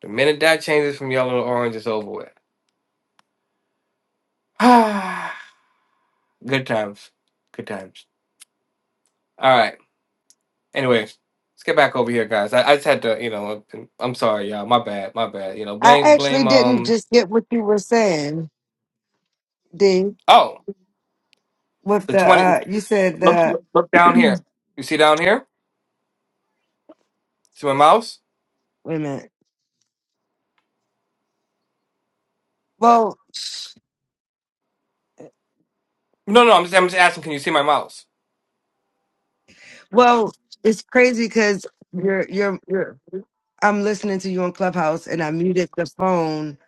A: The minute that changes from yellow to orange, it's over with. [SIGHS] Ah, good times. Good times. All right. Anyway, let's get back over here, guys. I, I just had to, you know, I'm sorry, y'all. My bad, my bad. You know,
F: I
A: blame,
F: actually
A: blame.
F: didn't
A: Um,
F: just get what you were saying, D.
A: oh,
F: With
A: the
F: the
A: twenty.
F: uh, you said
A: Look,
F: the
A: look down here. You see down here? See my mouse?
F: wait a minute. Well,
A: No, no. I'm just, I'm just asking. Can you see my mouse?
F: well, it's crazy because you're you're you're. I'm listening to you on Clubhouse, and I muted the phone.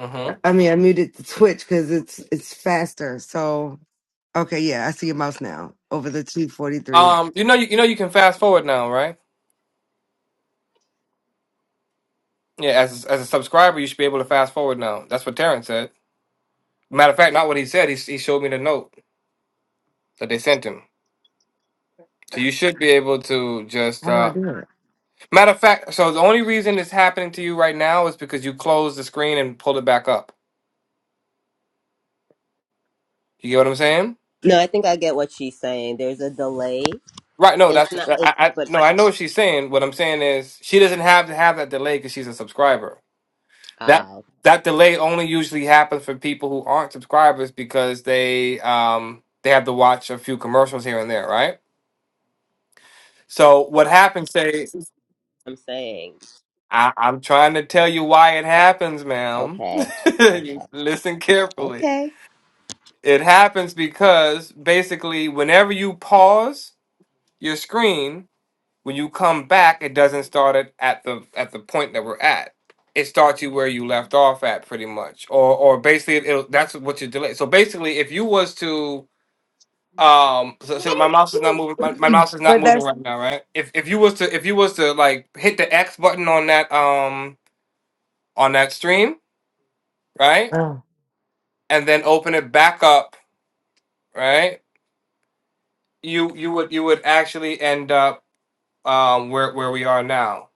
A: Mm-hmm.
F: I mean, I muted the Twitch because it's it's faster. So okay, yeah, I see your mouse now over the two forty three.
A: Um, you know, you, you know, you can fast forward now, right? Yeah. As as a subscriber, you should be able to fast forward now. That's what Terrence said. Matter of fact, not what he said. He he showed me the note that they sent him. So you should be able to just
F: How do I
A: uh,
F: do
A: Matter of fact, so the only reason it's happening to you right now is because you closed the screen and pulled it back up. You get what I'm saying?
G: No, I think I get what she's saying. There's a delay.
A: Right? No,
G: It's
A: that's
G: not
A: I,
G: it
A: I
G: but
A: no, I know what she's saying. What I'm saying is she doesn't have to have that delay because she's a subscriber. That
G: uh
A: that delay only usually happens for people who aren't subscribers because they um they have to watch a few commercials here and there, right? So what happens? Say,
G: I'm saying.
A: I, I'm trying to tell you why it happens, ma'am.
G: Okay.
A: [LAUGHS]
G: Okay.
A: Listen carefully.
G: Okay.
A: It happens because basically, whenever you pause your screen, when you come back, it doesn't start it at the at the point that we're at. It starts you where you left off at, pretty much, or or basically, it'll, that's what you delay. So basically, if you was to um, so, so my mouse is not moving. My, my
F: it? [CLEARS THROAT]
A: mouse is not
F: But
A: moving
F: that's.
A: right now, right? If if you was to if you was to like hit the X button on that um on that stream, right,
F: Oh,
A: and then open it back up, right? You you would you would actually end up um, where where we are now.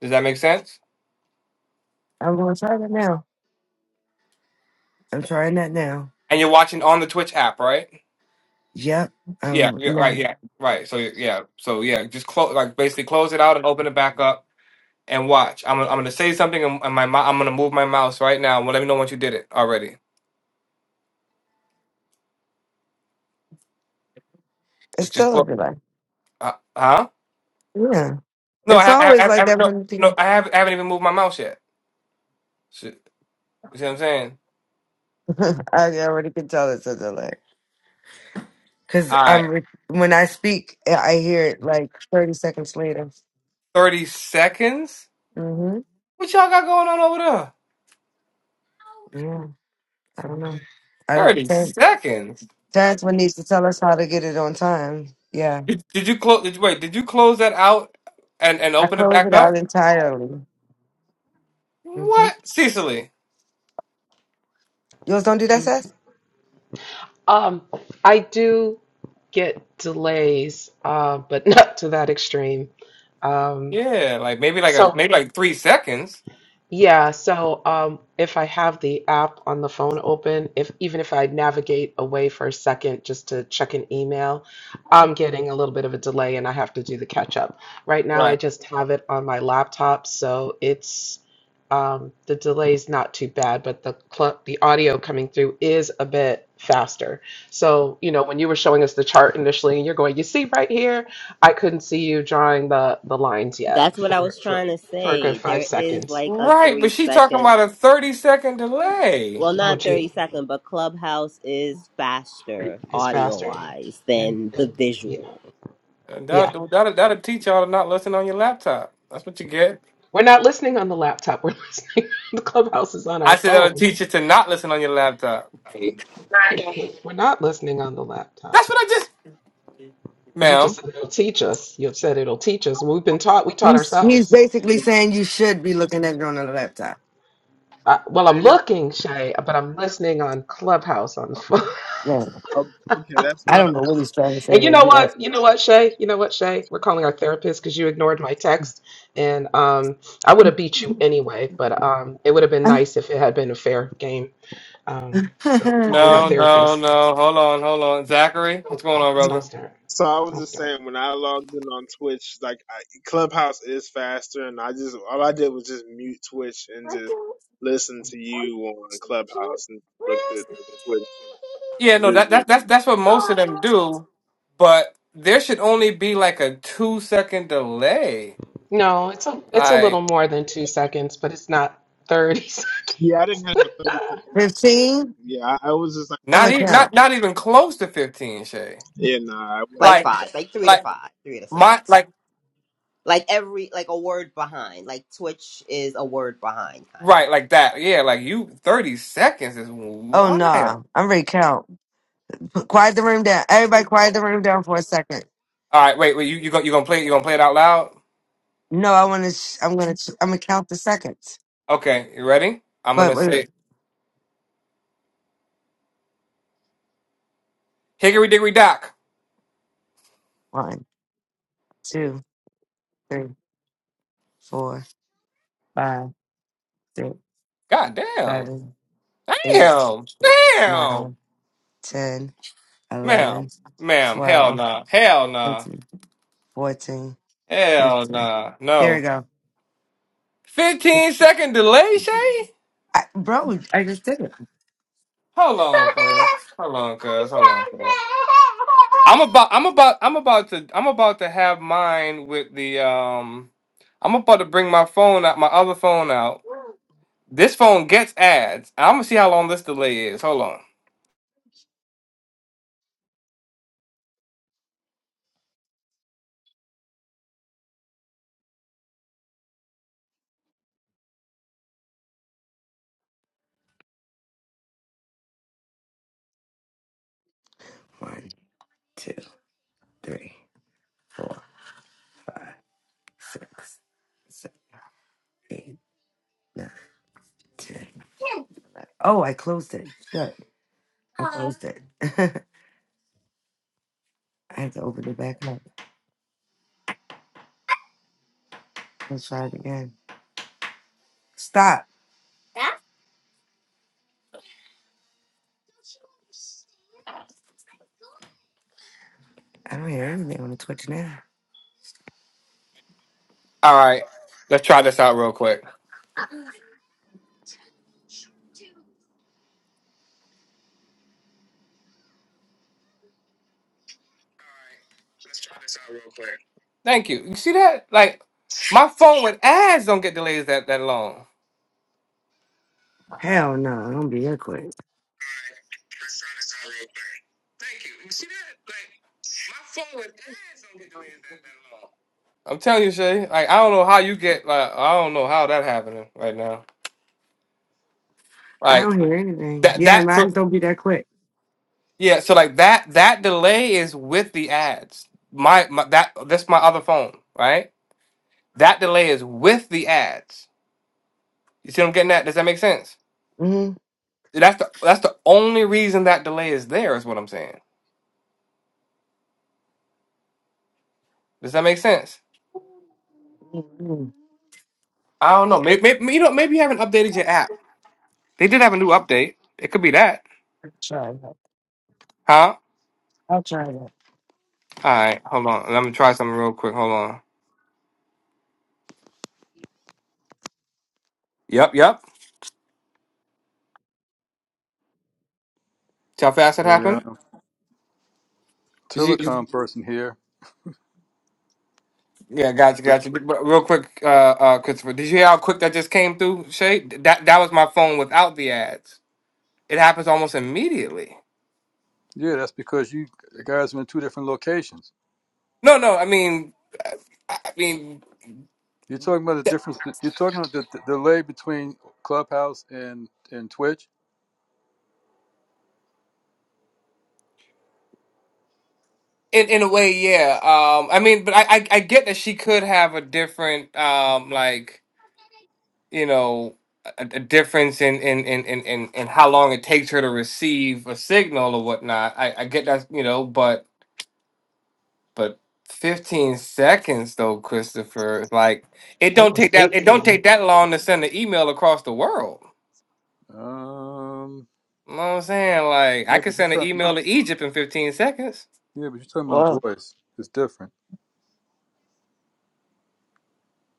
A: Does that make sense?
F: I'm gonna try that now. I'm trying that now.
A: And you're watching on the Twitch app, right?
F: Yep.
A: Yeah,
F: Um.
A: yeah, right,
F: No.
A: yeah, right. So yeah, so yeah, just close, like basically close it out and open it back up and watch. I'm gonna, I'm gonna say something and, and my mou- I'm gonna move my mouse right now. Well, let me know once you did it already.
F: It's
A: Just just
F: still a
A: clo-
F: delay.
A: uh, huh?
F: Yeah.
A: No, I,
F: It's
A: ha- I,
F: always
A: ha-
F: like
A: I, ha-
F: that
A: no
F: from the
A: no
F: beginning.
A: I haven't I haven't even moved my mouse yet. So, you see what I'm saying?
F: [LAUGHS] I already can tell it's a delay. Because
A: All right,
F: I'm re- when I speak, I I hear it like 30 seconds later.
A: thirty seconds.
F: hmm
A: What y'all got going on over there?
F: Yeah. I don't know. I don't.
A: Thirty
F: Terrence
A: seconds.
F: Terrence one needs to tell us how to get it on time. Yeah.
A: Did, did you close? Did you, wait, did you close that out and and
F: I
A: open it
F: close
A: back
F: it
A: up?
F: out entirely. hmm
A: What, Cecily?
F: Yours don't do that,
D: Mhm.
F: Seth?
D: Um, I do get delays, uh, but [LAUGHS] not to that extreme. Um,
A: Yeah, like maybe like a
D: so
A: maybe like three seconds.
D: yeah, so um, if I have the app on the phone open, if even if I navigate away for a second just to check an email, I'm getting a little bit of a delay and I have to do the catch up. Right now, I
A: Right,
D: just have it on my laptop, so it's um, the delay's not too bad, but the cl the audio coming through is a bit faster. So, you know, when you were showing us the chart initially, and you're going, "You see right here?" I couldn't see you drawing the the lines
G: That's
D: yet
G: what I
D: for
G: was
D: for
G: trying to
D: for a good
G: say.
D: five
G: There is
D: seconds.
G: like a
A: right. But
G: three
A: she talking
G: second
A: about a thirty second delay.
G: well not
D: Moji
G: thirty second, but Clubhouse is faster
D: is
G: audio
D: faster.
G: wise
D: And
G: than
D: uh,
G: the
D: yeah,
G: visual.
A: And
D: yeah.
A: That'll, that'll, that'll teach y'all to not listen on your laptop. That's what you get.
D: We're not listening on the laptop. We're [LAUGHS] listening. the clubhouse is on our
A: I said that'll
D: phone.
A: teach you to not listen on your laptop.
D: We're not listening on the
A: That's
D: laptop.
A: what I just,
D: You just
A: ma'am.
D: said it'll teach us. You've said it'll teach us. We've been taught. We taught
F: He's, he's
D: ourselves.
F: basically saying you should be looking at it on a laptop.
D: Uh, well, I'm
I: I got-
D: looking, Shay, but I'm listening on Clubhouse on the phone. [LAUGHS]
F: Yeah.
I: oh, Okay, that's
F: I
I: what I.
F: don't know what
I: That's,
F: he's trying to say
D: And you
F: when
D: know
F: he left.
D: what? You know what, Shay? You know what, Shay? We're calling our therapist because you ignored my text, and um, I would have beat you anyway. But um, it would have been
F: [LAUGHS]
D: nice if it had been a fair game. Um, so I'm calling our
A: No, no,
D: therapist.
A: no. Hold on, hold on, Zachary. What's
D: Don't,
A: going on,
D: don't
A: brother?
D: start.
I: so I was
D: Don't
I: just
D: start.
I: saying when I logged in on Twitch, like I, Clubhouse is faster, and I just all I did was just mute Twitch and just listen to you on Clubhouse and looked at the Twitch
A: Yeah, no, that,
I: visual.
A: that that's that's what most of them do, but there should only be like a two second delay.
D: No, it's a it's a little
A: Like
D: more than two seconds, but it's not thirty. [LAUGHS]
I: Yeah, I didn't have a thirty second. delay.
F: 15.
I: Yeah, I, I was just like,
F: I'm
A: not
F: going to
A: even
F: count.
A: not not even close to fifteen, Shay.
I: yeah, nah, I
G: Like
A: Like
I: wouldn't.
G: five, like three to
A: like
G: five, three to
A: my
G: six.
A: like
G: Like every like a word behind. Like Twitch is a word behind kind
A: right,
G: of.
A: like that. Yeah, like you thirty seconds is
F: Oh
A: wild. All
F: nah, I'm ready to count. Put- Quiet the room down. Everybody, quiet the room down for a second.
A: right, wait, wait, you you going you gonna play it you gonna play it out loud?
F: No, I want to. Sh- I'm gonna. Sh- I'm gonna count the seconds.
A: Okay, you ready? I'm
F: But
A: gonna
F: wait,
A: say Hickory Dickory Dock.
F: one, two, three, four, five, six,
A: God damn.
F: seven, eight,
A: Damn. Damn.
F: nine, ten,
A: Ma'am.
F: eleven,
A: Ma'am. Hell
F: twelve,
A: nah. Hell nah.
F: thirteen, fourteen,
A: Hell
F: fifteen.
A: nah.
F: There we
A: No.
F: go.
A: 15 second delay, Shay?
F: I, bro, I just did it.
A: Hold on, cuz. Hold on, cuz. Hold on, cuz. I'm about I'm about I'm about to I'm about to have mine with the um I'm about to bring my phone out my other phone out. This phone gets ads. I'm gonna see how long this delay is. Hold on.
F: One, two, three, four, five, six, seven, eight, nine, ten. Oh, I closed it. Good. I closed it. [LAUGHS] I have to open it back up. Let's try it again. Stop. I don't hear anything on the Twitch now.
A: Alright. Let's try this out real quick. Thank you. You see that? Like my phone with ads don't get delays that, that long.
F: Hell no, I don't be that quick.
A: Thank you. You see that? Like my phone with don't get delays that, that long. I'm telling you, Shay. Like I don't know how you get. Like I don't know how that happening right now.
F: I
A: Like
F: don't hear anything.
A: that.
F: Yeah,
A: That.
F: mine
A: So
F: don't be that quick.
A: yeah. So like that. That delay is with the ads. My, my that. That's my other phone. Right. That delay is with the ads. You see what I'm getting at? Does that make sense?
F: Mm-hmm.
A: That's the that's the only reason that delay is there. Is what I'm saying. Does that make sense?
F: Mm-hmm.
A: I don't know. Maybe, maybe you know. Maybe you haven't updated your app. They did have a new update. It could be that.
F: I'll try that.
A: Huh?
F: I'll try that.
A: All right. Hold on. Let me try something real quick. Hold on. Yep. Yep. See how fast that
J: a uh,
A: happened? Did you, you-
J: telecom person here.
A: yeah, gotcha, gotcha. But Real quick, uh, uh, Christopher, did you hear how quick that just came through, Shay? That that was my phone without the ads. It happens almost immediately.
J: Yeah, that's because you guys are in two different locations.
A: No, no, I mean, I I mean,
J: You're talking about the difference. You're talking about the, the delay between Clubhouse and and Twitch.
A: in in a way, yeah. Um, I mean, but I, I I get that she could have a different um like you know a, a difference in in, in in in in how long it takes her to receive a signal or whatnot. I I get that you know, but But 15 seconds though, Christopher. Like it
D: It
A: don't
D: was
A: take that it don't
D: 18.
A: take that long to send an email across the world.
J: Um,
A: You know what I'm saying? Like I
J: yeah,
A: could
J: but you're
A: send an
J: talking.
A: email to Egypt in 15 seconds.
J: Yeah, but you're talking about
F: Well,
J: voice. It's different.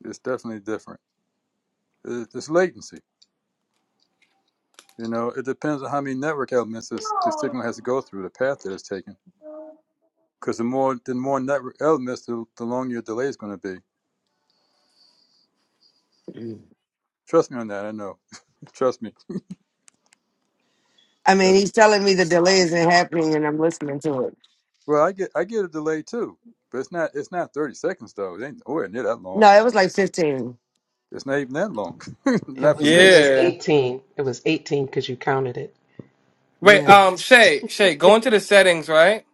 J: It's definitely different. It- It's latency. You know, it depends on how many network elements this, the signal has to go through, the path that it's taken. Because the more the more network elements, the, the longer your delay is going to be. Trust me on that. I know. Trust me.
F: I mean, he's telling me the delay isn't happening and I'm listening to it.
J: Well, I get I get a delay too, but it's not it's not thirty seconds though. It ain't nowhere near that long.
F: No, it was like 15.
J: It's not even that long. [LAUGHS]
D: It
J: not for
D: was
F: Mm,
D: it
J: me.
D: was
A: Yeah.
D: 18. It was 18 because you counted it.
A: Wait,
F: Yeah.
A: um Shay, Shay, go into the settings, right?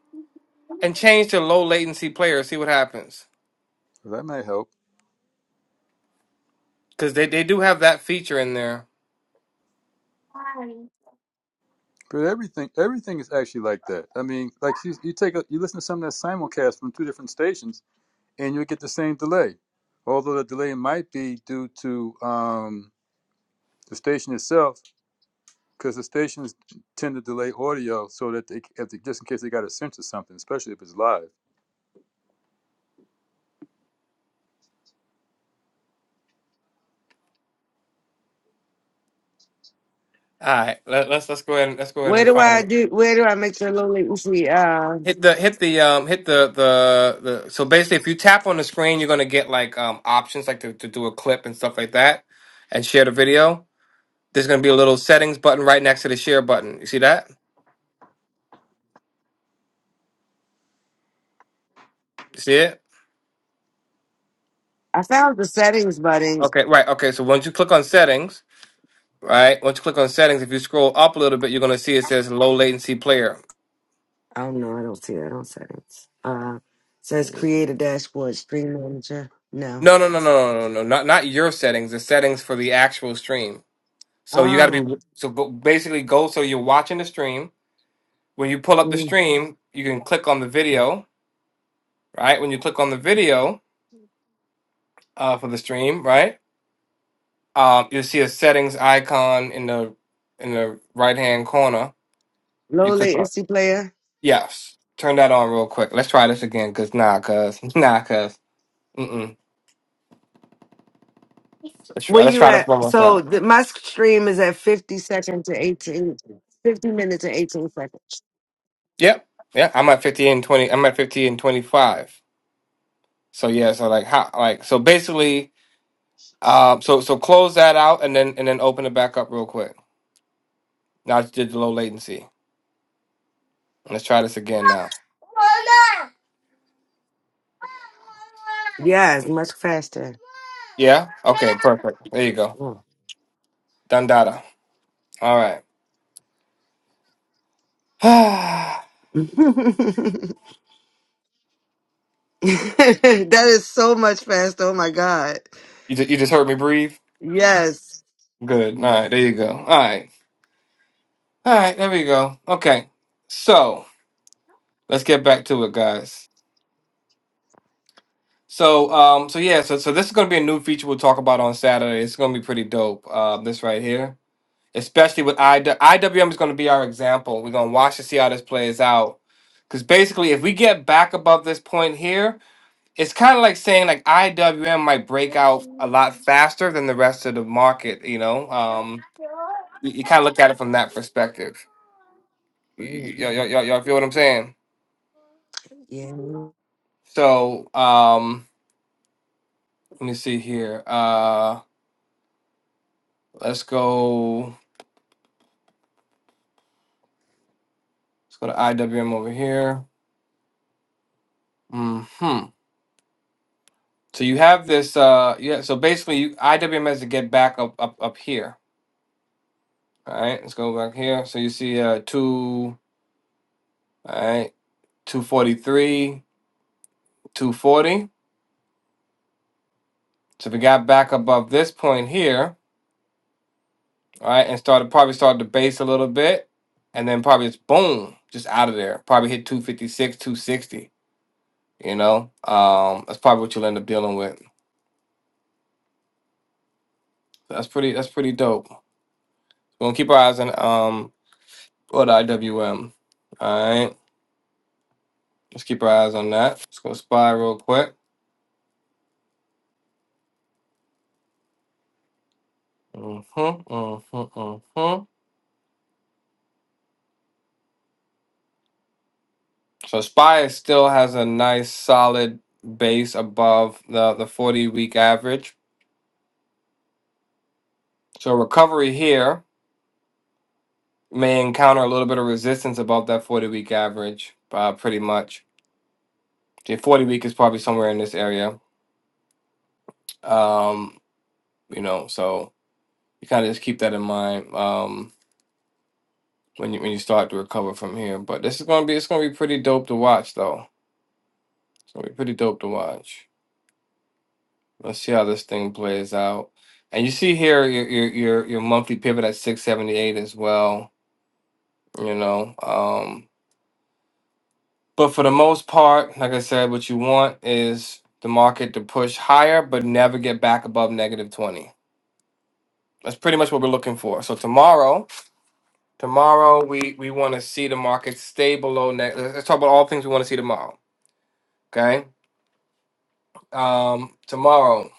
A: And change to low latency player, see what happens.
J: Well, that may help.
A: Cause they, they do have that feature in there.
J: But everything everything is actually like that. I mean, like you, you take a, you listen to something that's simulcast from two different stations, and you'll get the same delay. Although the delay might be due to um, the station itself, because the stations tend to delay audio so that they, if they just in case they got a sense of something, especially if it's live.
A: All right, let, let's let's go ahead and let's go ahead
F: Where
A: and
F: do
A: find it.
F: I do? Where do I make sure Lily? Oofy? Uh,
A: Hit the hit the um hit the the the so basically if you tap on the screen you're gonna get like um options like to, to do a clip and stuff like that and share the video. There's gonna be a little settings button right next to the share button. You see that? You see it?
F: I found the settings button
A: Okay, right, okay. So once you click on settings, right? Once you click on settings, if you scroll up a little bit, you're gonna see it says low latency player.
F: Oh no, I don't see that on settings. Uh, says create a dashboard, stream manager. No.
A: No no no no no no no not not your settings, the settings for the actual stream. So you gotta be
F: Oh,
A: so go, basically go so you're watching the stream When you pull up the
F: mm.
A: stream, you can click on the video, right? When you click on the video uh, for the stream, right? Um, you'll see a settings icon in the in the right hand corner.
F: low
A: You click on
F: latency player.
A: yes. Turn that on real quick. Let's try this again, cause nah, cause [LAUGHS] nah, cause mm-mm. Let's try,
F: Where
A: let's
F: you
A: try this one
F: at?
A: more time.
F: So th- my stream is at 50 seconds to eighteen, fifty minutes and 18 seconds.
A: Yep. Yeah, I'm at 50 and 20. I'm at 50 and 25. So yeah, so like how like so basically um so so close that out and then and then open it back up real quick. Now I just did the low latency. Let's try this again now.
F: Yes, much faster.
A: Yeah? Okay, perfect. There you go.
F: Mm.
A: Dandada. All right. [SIGHS]
F: [LAUGHS] that is so much faster. Oh my God.
A: you, ju- you just heard me breathe?
F: Yes.
A: Good. All right, there you go. All right. All right, there we go. Okay. So, let's get back to it, guys. So, um, so yeah, so, so this is going to be a new feature we'll talk about on Saturday. It's going to be pretty dope, uh, this right here. Especially with I, IWM is going to be our example. We're going to watch to see how this plays out. Because basically, if we get back above this point here, it's kind of like saying like IWM might break out a lot faster than the rest of the market. You know, um, you, you kind of look at it from that perspective.
F: Mm.
A: Y- y- y- y- y'all feel what I'm saying?
F: Yeah.
A: So um, let me see here. Uh, let's go. Let's go to IWM over here. Hmm. So you have this. Uh, yeah. So basically, you, IWM has to get back up up up here. All right. Let's go back here. So you see uh two. All right. Two forty three. Two forty. So we got back above this point here, all right, and started probably started to base a little bit, and then probably just boom, just out of there. Probably hit 256, 260. You know, um, that's probably what you'll end up dealing with. That's pretty. That's pretty dope. We're gonna keep our eyes on um, what IWM. All right, let's keep our eyes on that. Let's go spy real quick. Mm-hmm, mm-hmm, mm-hmm. So spy still has a nice solid base above the the 40 week average So recovery here may encounter a little bit of resistance above that 40 week average, uh, pretty much. The 40 week is probably somewhere in this area. Um, you know, so you kind of just keep that in mind um, when you when you start to recover from here. But this is gonna be it's gonna be pretty dope to watch though. It's gonna be pretty dope to watch. Let's see how this thing plays out. And you see here your your your, your monthly pivot at 678 as well. You know, um. But for the most part, like I said, what you want is the market to push higher, but never get back above negative 20. That's pretty much what we're looking for. So tomorrow, tomorrow we we want to see the market stay below net. Let's talk about all things we want to see tomorrow. Okay. Um, tomorrow,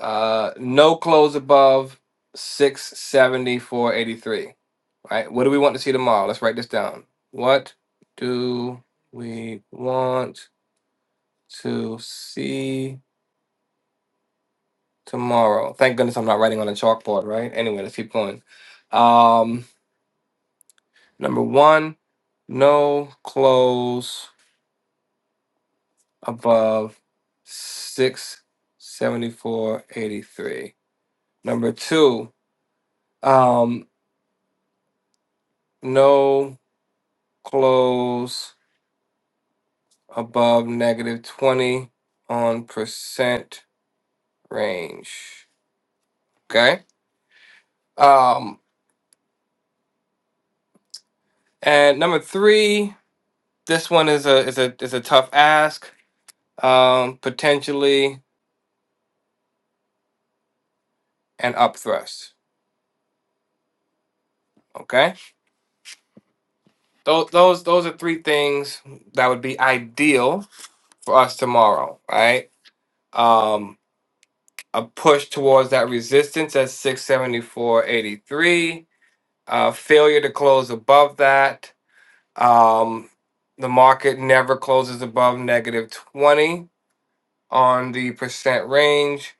A: uh, no close above 674.83. Right. What do we want to see tomorrow? Let's write this down. What do we want to see? Tomorrow. Thank goodness I'm not writing on a chalkboard, right? Anyway, let's keep going. Um, number one, no close above six seventy four eighty three. Number two, um, no close above negative twenty on percent range. Okay. Um, and number three, this one is a is a is a tough ask. Um, potentially and up thrust. Okay, those those those are three things that would be ideal for us tomorrow, right? Um, a push towards that resistance at 674.83, uh, failure to close above that. Um, the market never closes above negative 20 on the percent range,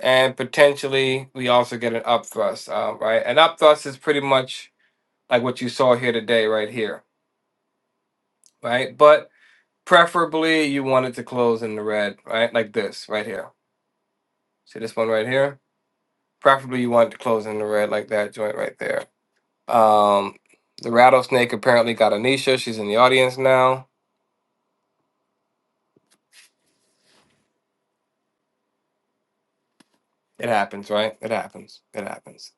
A: and potentially we also get an up thrust, uh, right? An up thrust is pretty much like what you saw here today, right here, right? But Preferably, you want it to close in the red, right? Like this, right here. See this one right here? Preferably, you want it to close in the red, like that joint right there. Um, the rattlesnake apparently got Anisha. She's in the audience now. It happens, right? It happens. It happens.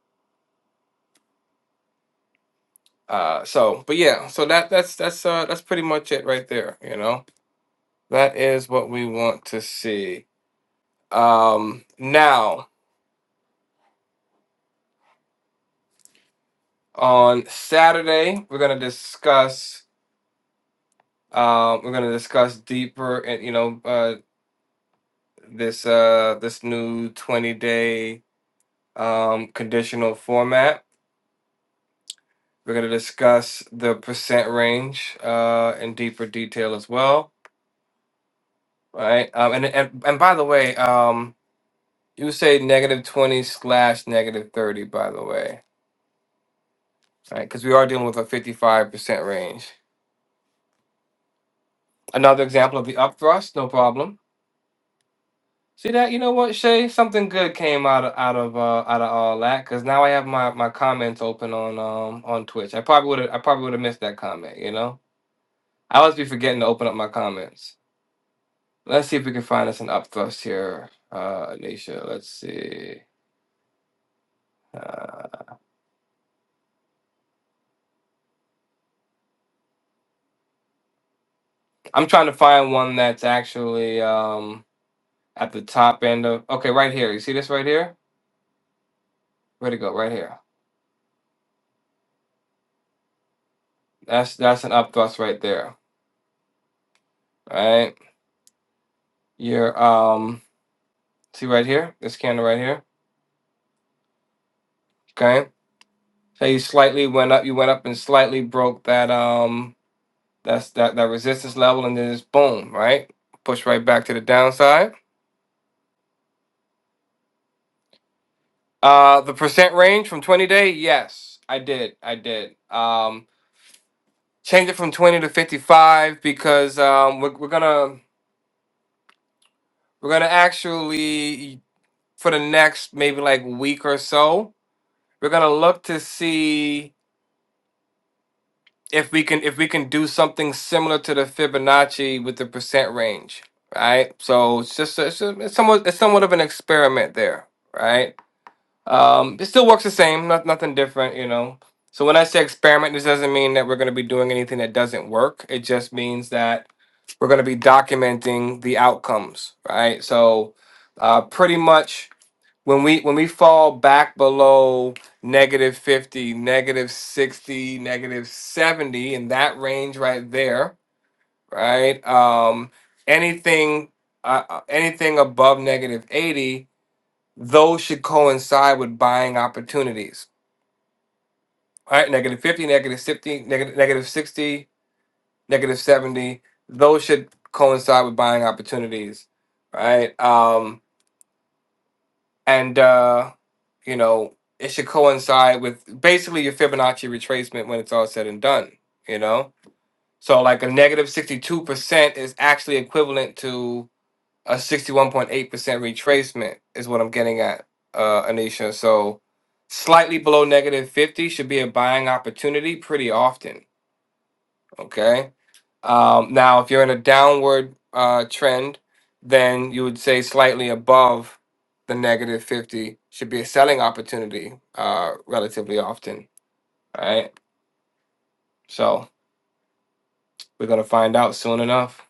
A: Uh, so, but yeah, so that that's that's uh that's pretty much it right there. You know, that is what we want to see. Um, now on Saturday, we're gonna discuss. Um, we're going to discuss deeper and you know uh, this uh this new 20 day um conditional format. We're going to discuss the percent range uh in deeper detail as well, right? Um and and, and by the way, um you say negative 20 slash negative 30 by the way, right? Cuz we are dealing with a 55% range. Another example of the upthrust, no problem See that? You know what, Shay? Something good came out of out of uh, out of all that because now I have my my comments open on um on Twitch. I probably would have I probably would have missed that comment. You know, I always be forgetting to open up my comments. Let's see if we can find us an upthrust here, uh, Anisha. Let's see. Uh, I'm trying to find one that's actually um at the top end of. Okay, right here. You see this right here? Where to go? Right here. That's that's an upthrust right there. All right. Your um. See right here. This candle right here. Okay. So you slightly went up. You went up and slightly broke that um that's that that resistance level, and then it's boom, right? Push right back to the downside. Uh, the percent range from twenty day, yes, I did, I did. Um, change it from twenty to fifty five because um we're, we're gonna we're gonna actually for the next maybe like week or so we're gonna look to see if we can if we can do something similar to the Fibonacci with the percent range, right? So it's just it's, just, it's somewhat it's somewhat of an experiment there, right? Um, it still works the same, not, nothing different, you know. So when I say experiment, this doesn't mean that we're going to be doing anything that doesn't work. It just means that we're going to be documenting the outcomes, right? So uh, pretty much when we when we fall back below negative 50 negative 60 negative 70 in that range right there right um anything uh, uh, anything above negative 80 those should coincide with buying opportunities right negative 50 negative 50 negative, negative 60 negative 70 those should coincide with buying opportunities right um and uh You know, it should coincide with basically your Fibonacci retracement when it's all said and done, you know? So like a 62% is actually equivalent to a 61.8% retracement is what I'm getting at, uh, Anisha. So slightly below negative 50 should be a buying opportunity pretty often, okay? Um, now, if you're in a downward uh, trend, then you would say slightly above the negative 50 should be a selling opportunity uh, relatively often, right? So we're going to find out soon enough.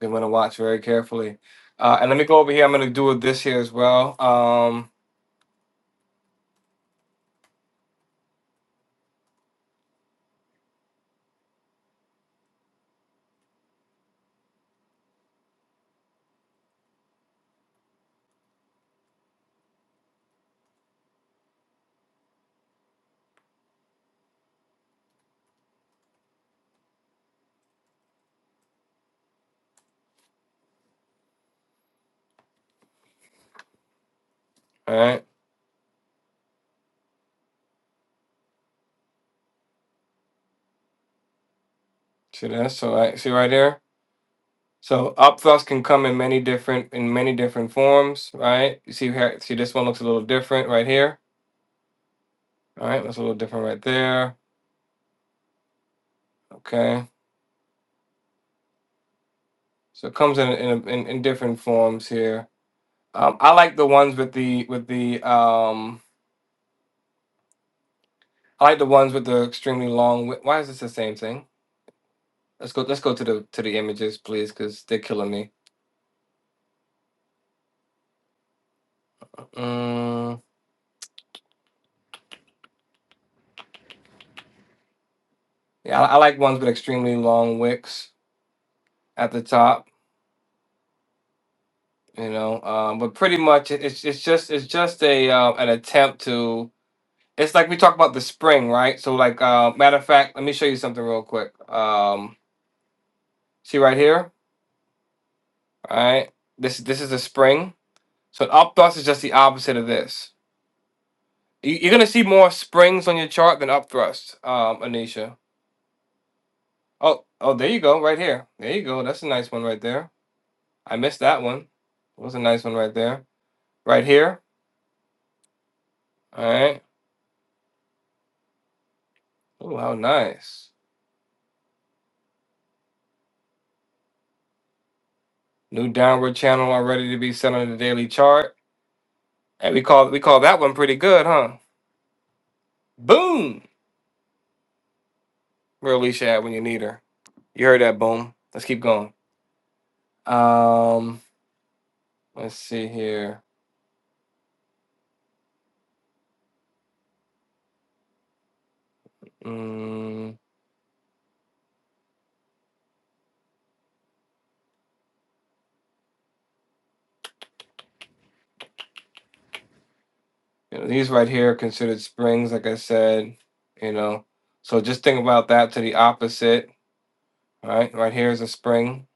A: We're going to watch very carefully. Uh, and let me go over here. I'm going to do it this here as well. Um, all right. See this? So I see right here. So up thrust can come in many different in many different forms, right? You see here, see this one looks a little different right here. All right, that's a little different right there. Okay, so it comes in in, in, in different forms here. Um, I like the ones with the with the um. I like the ones with the extremely long. wi- Why is this the same thing? Let's go. Let's go to the to the images, please, because they're killing me. Mm, yeah, I, I like ones with extremely long wicks at the top. You know, um, but pretty much it- it's it's just it's just a uh, an attempt to. It's like we talk about the spring, right? So, like, uh, matter of fact, let me show you something real quick. Um, see right here. All right. This this is a spring. So an upthrust is just the opposite of this. You, you're gonna see more springs on your chart than upthrusts, um, Anisha. Oh, oh, there you go, right here. There you go. That's a nice one right there. I missed that one. That was a nice one right there. Right here. All right. Oh, how nice. New downward channel already to be set on the daily chart. And we call we call that one pretty good, huh? Boom. Where Alicia at when you need her. You heard that boom. Let's keep going. Um, let's see here. Mm, you know, these right here are considered springs, like I said, you know. So just think about that to the opposite, right? Right here is a spring,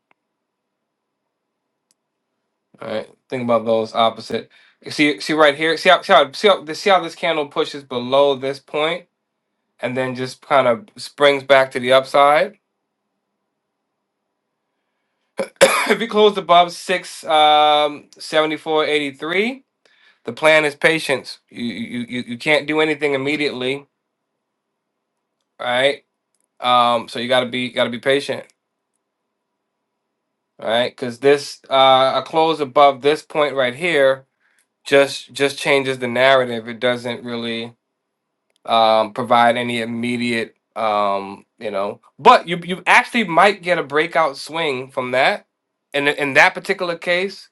A: right? Think about those opposite. See, see right here. See how see how see how, see how this candle pushes below this point, and then just kind of springs back to the upside. [LAUGHS] if you close above six um, seventy four eighty three, the plan is patience. You you you you can't do anything immediately, right? Um, so you gotta be you gotta be patient. All right, because this uh, a close above this point right here just just changes the narrative. It doesn't really um, provide any immediate, um, you know. But you you actually might get a breakout swing from that, and in in that particular case,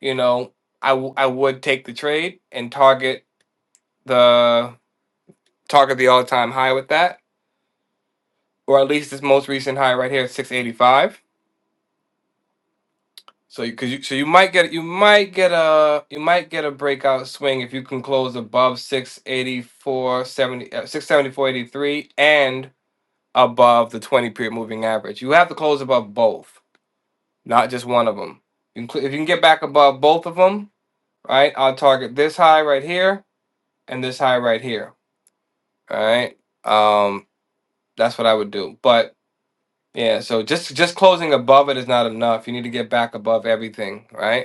A: you know, I w- I would take the trade and target the target the all time high with that, or at least this most recent high right here at six eighty five So you cause you so you might get you might get a you might get a breakout swing if you can close above 684 uh, 674.83 and above the 20 period moving average. You have to close above both, not just one of them. You can, cl- if you can get back above both of them, right? I'll target this high right here and this high right here, all right? Um that's what I would do. But yeah, so just just closing above it is not enough. You need to get back above everything, right?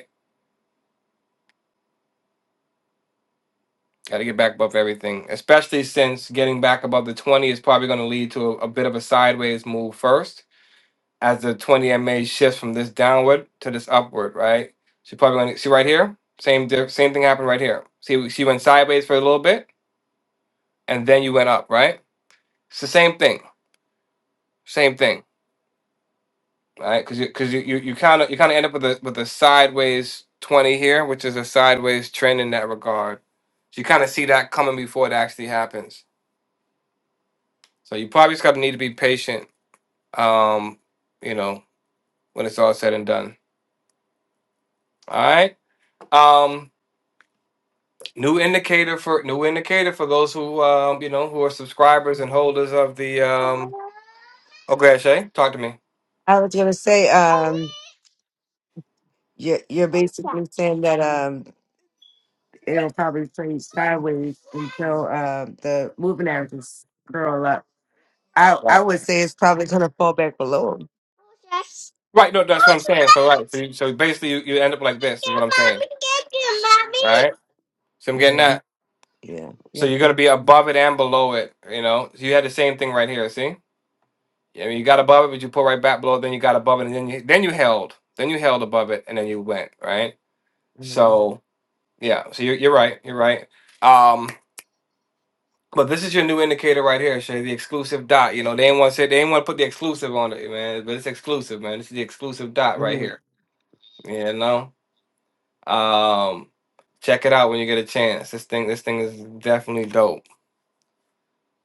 A: Got to get back above everything, especially since getting back above the 20 is probably going to lead to a, a bit of a sideways move first, as the 20 MA shifts from this downward to this upward, right? She probably going to see right here. Same di- same thing happened right here. See, she went sideways for a little bit, and then you went up, right? It's the same thing, same thing, right? Because you because you you kind of you kind of end up with a with a sideways 20 here, which is a sideways trend in that regard. So you kind of see that coming before it actually happens. So you probably just got to need to be patient um, you know, when it's all said and done. All right. Um, new indicator for new indicator for those who um, you know, who are subscribers and holders of the um okay, Shay, talk to me.
F: I was gonna say, um, you're, you're basically saying that, um, it'll probably play sideways until uh, the moving averages curl up. I
A: Right.
F: I would say it's probably gonna fall back below. 'em.
A: Right, no, that's what I'm saying. So right. So you, so basically you, you end up like this is what I'm saying. Right? So I'm getting
F: Yeah,
A: that.
F: yeah,
A: So
F: yeah.
A: you're gonna be above it and below it, you know. So you had the same thing right here, see? I mean you got above it, but you pull right back below, then you got above it and then you then you held. Then you held above it and then you went, right?
F: Mhm,
A: So Yeah, so you're, you're right. You're right. Um, but this is your new indicator right here, Shay, the exclusive dot. You know, they ain't want to say they ain't want to put the exclusive on it, man. But it's exclusive, man. This is the exclusive dot right
F: mhm,
A: here. You know? Um, check it out when you get a chance. This thing, this thing is definitely dope.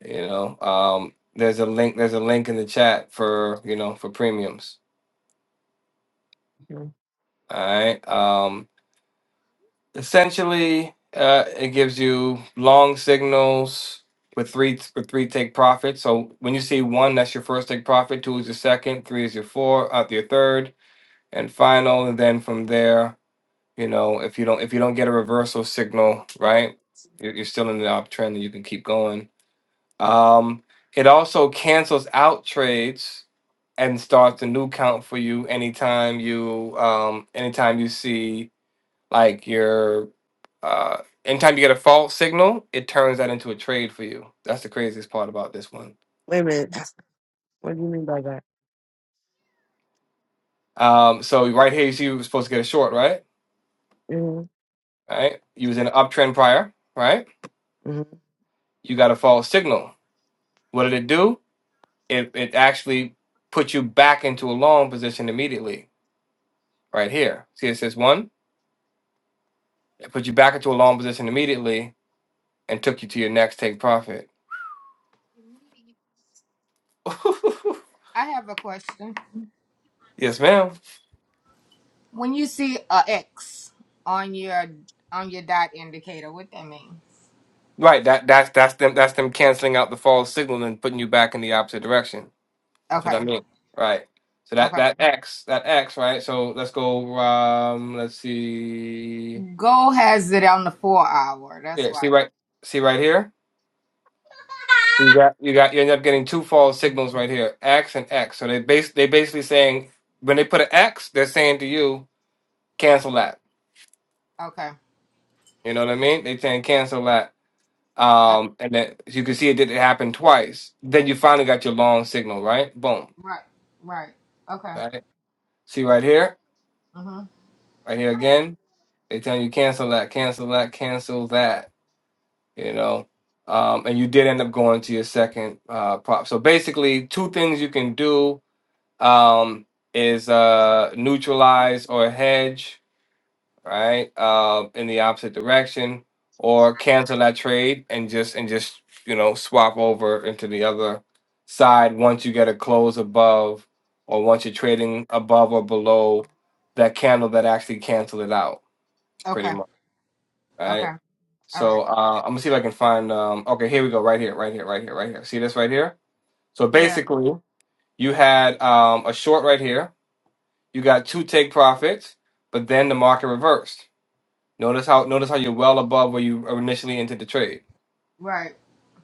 A: You know. Um, there's a link, there's a link in the chat for, you know, for premiums.
F: mhm.
A: All right. Um, Essentially, uh, it gives you long signals with three with three take profit. So when you see one, that's your first take profit. Two is your second. Three is your four, uh, your third, and final. And then from there, you know, if you don't if you don't get a reversal signal, right, you're, you're still in the uptrend, and you can keep going. Um, it also cancels out trades and starts a new count for you anytime you um anytime you see like your uh, anytime you get a false signal, it turns that into a trade for you. That's the craziest part about this one.
F: Wait a minute. What do you mean by that?
A: Um, so right here, you see you were supposed to get a short, right?
F: hmm
A: Right? You was in an uptrend prior, right?
F: hmm
A: You got a false signal. What did it do? It it actually put you back into a long position immediately, right here. See, it says one. It put you back into a long position immediately and took you to your next take profit. [LAUGHS]
E: I have a question.
A: yes, ma'am.
E: When you see a X on your on your dot indicator, what that mean?
A: Right. That that's that's them that's them canceling out the false signal and putting you back in the opposite direction. That's what
E: Okay,
A: I mean. Right. So that
E: okay.
A: that X, that X, right? So let's go um let's see.
E: Go has it on the four hour. That's
A: Yeah,
E: why.
A: see right see right here? You got you got you end up getting two false signals right here, X and X. So they base they basically saying when they put an X, they're saying to you, cancel that.
E: Okay.
A: You know what I mean? They saying cancel that.
E: Uh,
A: Um and then you can see it did it happen twice. Then you finally got your long signal, right? Boom.
E: right. Right. Okay.
A: Right? See right here?
E: Mhm.
A: Right here again. They telling you cancel that, cancel that, cancel that. you know um, and you did end up going to your second uh, prop so basically two things you can do um, is uh, neutralize or hedge right uh, in the opposite direction or cancel that trade and just and just you know swap over into the other side once you get a close above or once you're trading above or below that candle that actually canceled it out pretty
E: Okay.
A: much right?
E: Okay. All right.
A: So uh, I'm gonna see if I can find. Um, okay, here we go. Right here, right here, right here, right here. See this right here? So
E: Yeah.
A: basically, you had um, a short right here. You got two take profits, but then the market reversed. Notice how notice how you're well above where you initially entered the trade,
E: Right.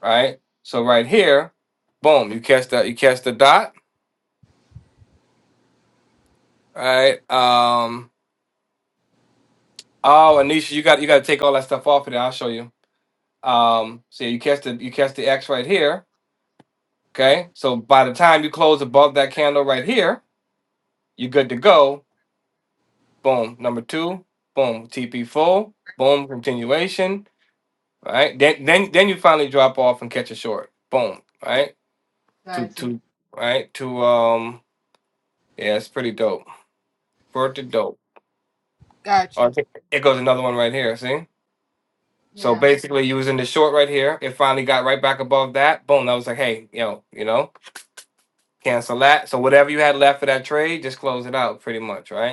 A: right? So right here, boom, you catch that you catch the dot, right? Um, oh, Anisha, you got you got to take all that stuff off of there. I'll show you. Um, see, you catch the you catch the X right here. Okay, so by the time you close above that candle right here You're good to go. Boom. Number two. Boom. TP full. Boom. Continuation. Right. Then then then you finally drop off and catch a short. Boom. Right. To
E: Gotcha.
A: to right to um. Yeah, it's pretty dope. Bird to dope. Oh,
E: Gotcha.
A: I think it goes another one right here. See. So
E: Yeah.
A: basically, using the short right here, it finally got right back above that. Boom. That was like, hey, yo, you know, cancel that. So whatever you had left for that trade, just close it out, pretty much, right?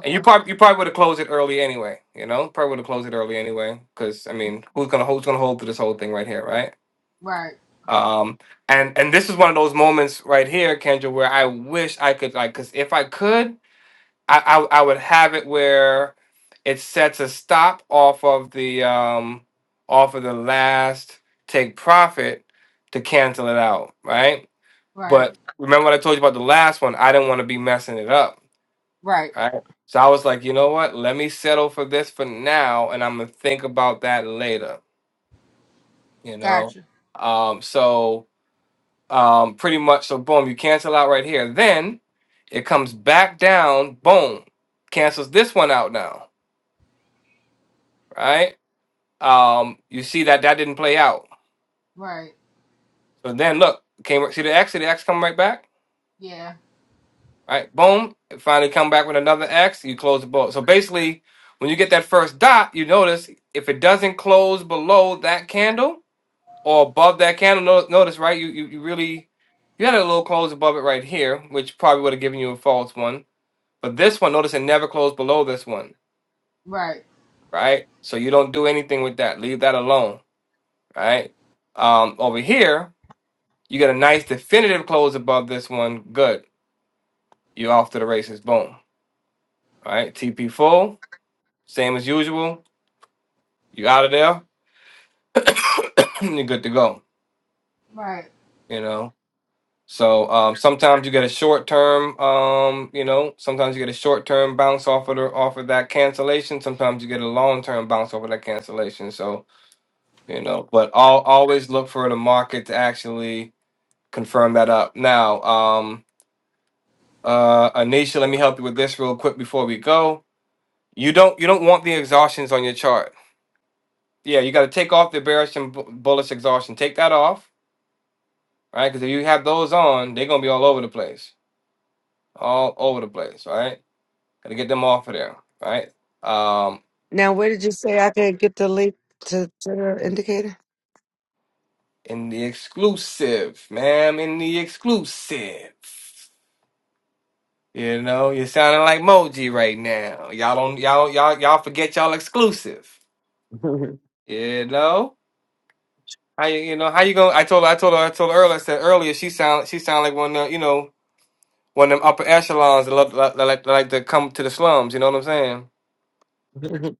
A: And you probably you probably would have closed it early anyway. You know, probably would have closed it early anyway. Because I mean, who's gonna who's gonna hold to this whole thing right here, right?
E: Right.
A: Um, and and this is one of those moments right here, Kendra, where I wish I could like, because if I could, I, I I would have it where it sets a stop off of the um off of the last take profit to cancel it out, right?
E: Right.
A: But remember what I told you about the last one? I didn't want to be messing it up.
E: Right.
A: Right. So I was like, you know what? Let me settle for this for now, and I'm gonna think about that later. You know.
E: Gotcha.
A: Um. So um. Pretty much. So boom, you cancel out right here. Then it comes back down. Boom, cancels this one out now. Right. Um. You see that that didn't play out.
E: Right.
A: So then look, came right, see the X. See the X come right back.
E: Yeah.
A: Right. Boom. It finally come back with another X. You close the book. So basically, when you get that first dot, you notice if it doesn't close below that candle or above that candle. No- Notice, right? You, you you really you had a little close above it right here, which probably would have given you a false one. But this one, notice it never closed below this one,
E: Right.
A: right? So you don't do anything with that. Leave that alone, right? Um, over here, you get a nice definitive close above this one. Good. You're off to the races. Boom. All right. TP full, same as usual. You out of there. [CLEARS THROAT] You're good to go.
E: Right.
A: You know. So um, sometimes you get a short term, um, you know, sometimes you get a short term bounce off of the, off of that cancellation. Sometimes you get a long term bounce off of that cancellation. So you know, but all always look for the market to actually confirm that up. Now, um, uh, Anisha, let me help you with this real quick before we go. You don't you don't want the exhaustions on your chart. Yeah, you got to take off the bearish and bu- bullish exhaustion. Take that off, right? Because if you have those on, they're gonna be all over the place all over the place, right? Gotta get them off of there, All right? Um,
F: Now, where did you say I could get the link to, to the indicator?
A: in the exclusive, ma'am, in the exclusive. You know, you're sounding like Moji right now. Y'all don't, y'all, y'all, y'all forget y'all exclusive. You know, how you, you know, how you gonna? I told, her, I told her, I told her earlier. I said earlier, she sound, she sound like one of, the, you know, one of them upper echelons that love, that like, that like to come to the slums. You know what I'm saying?
F: [LAUGHS]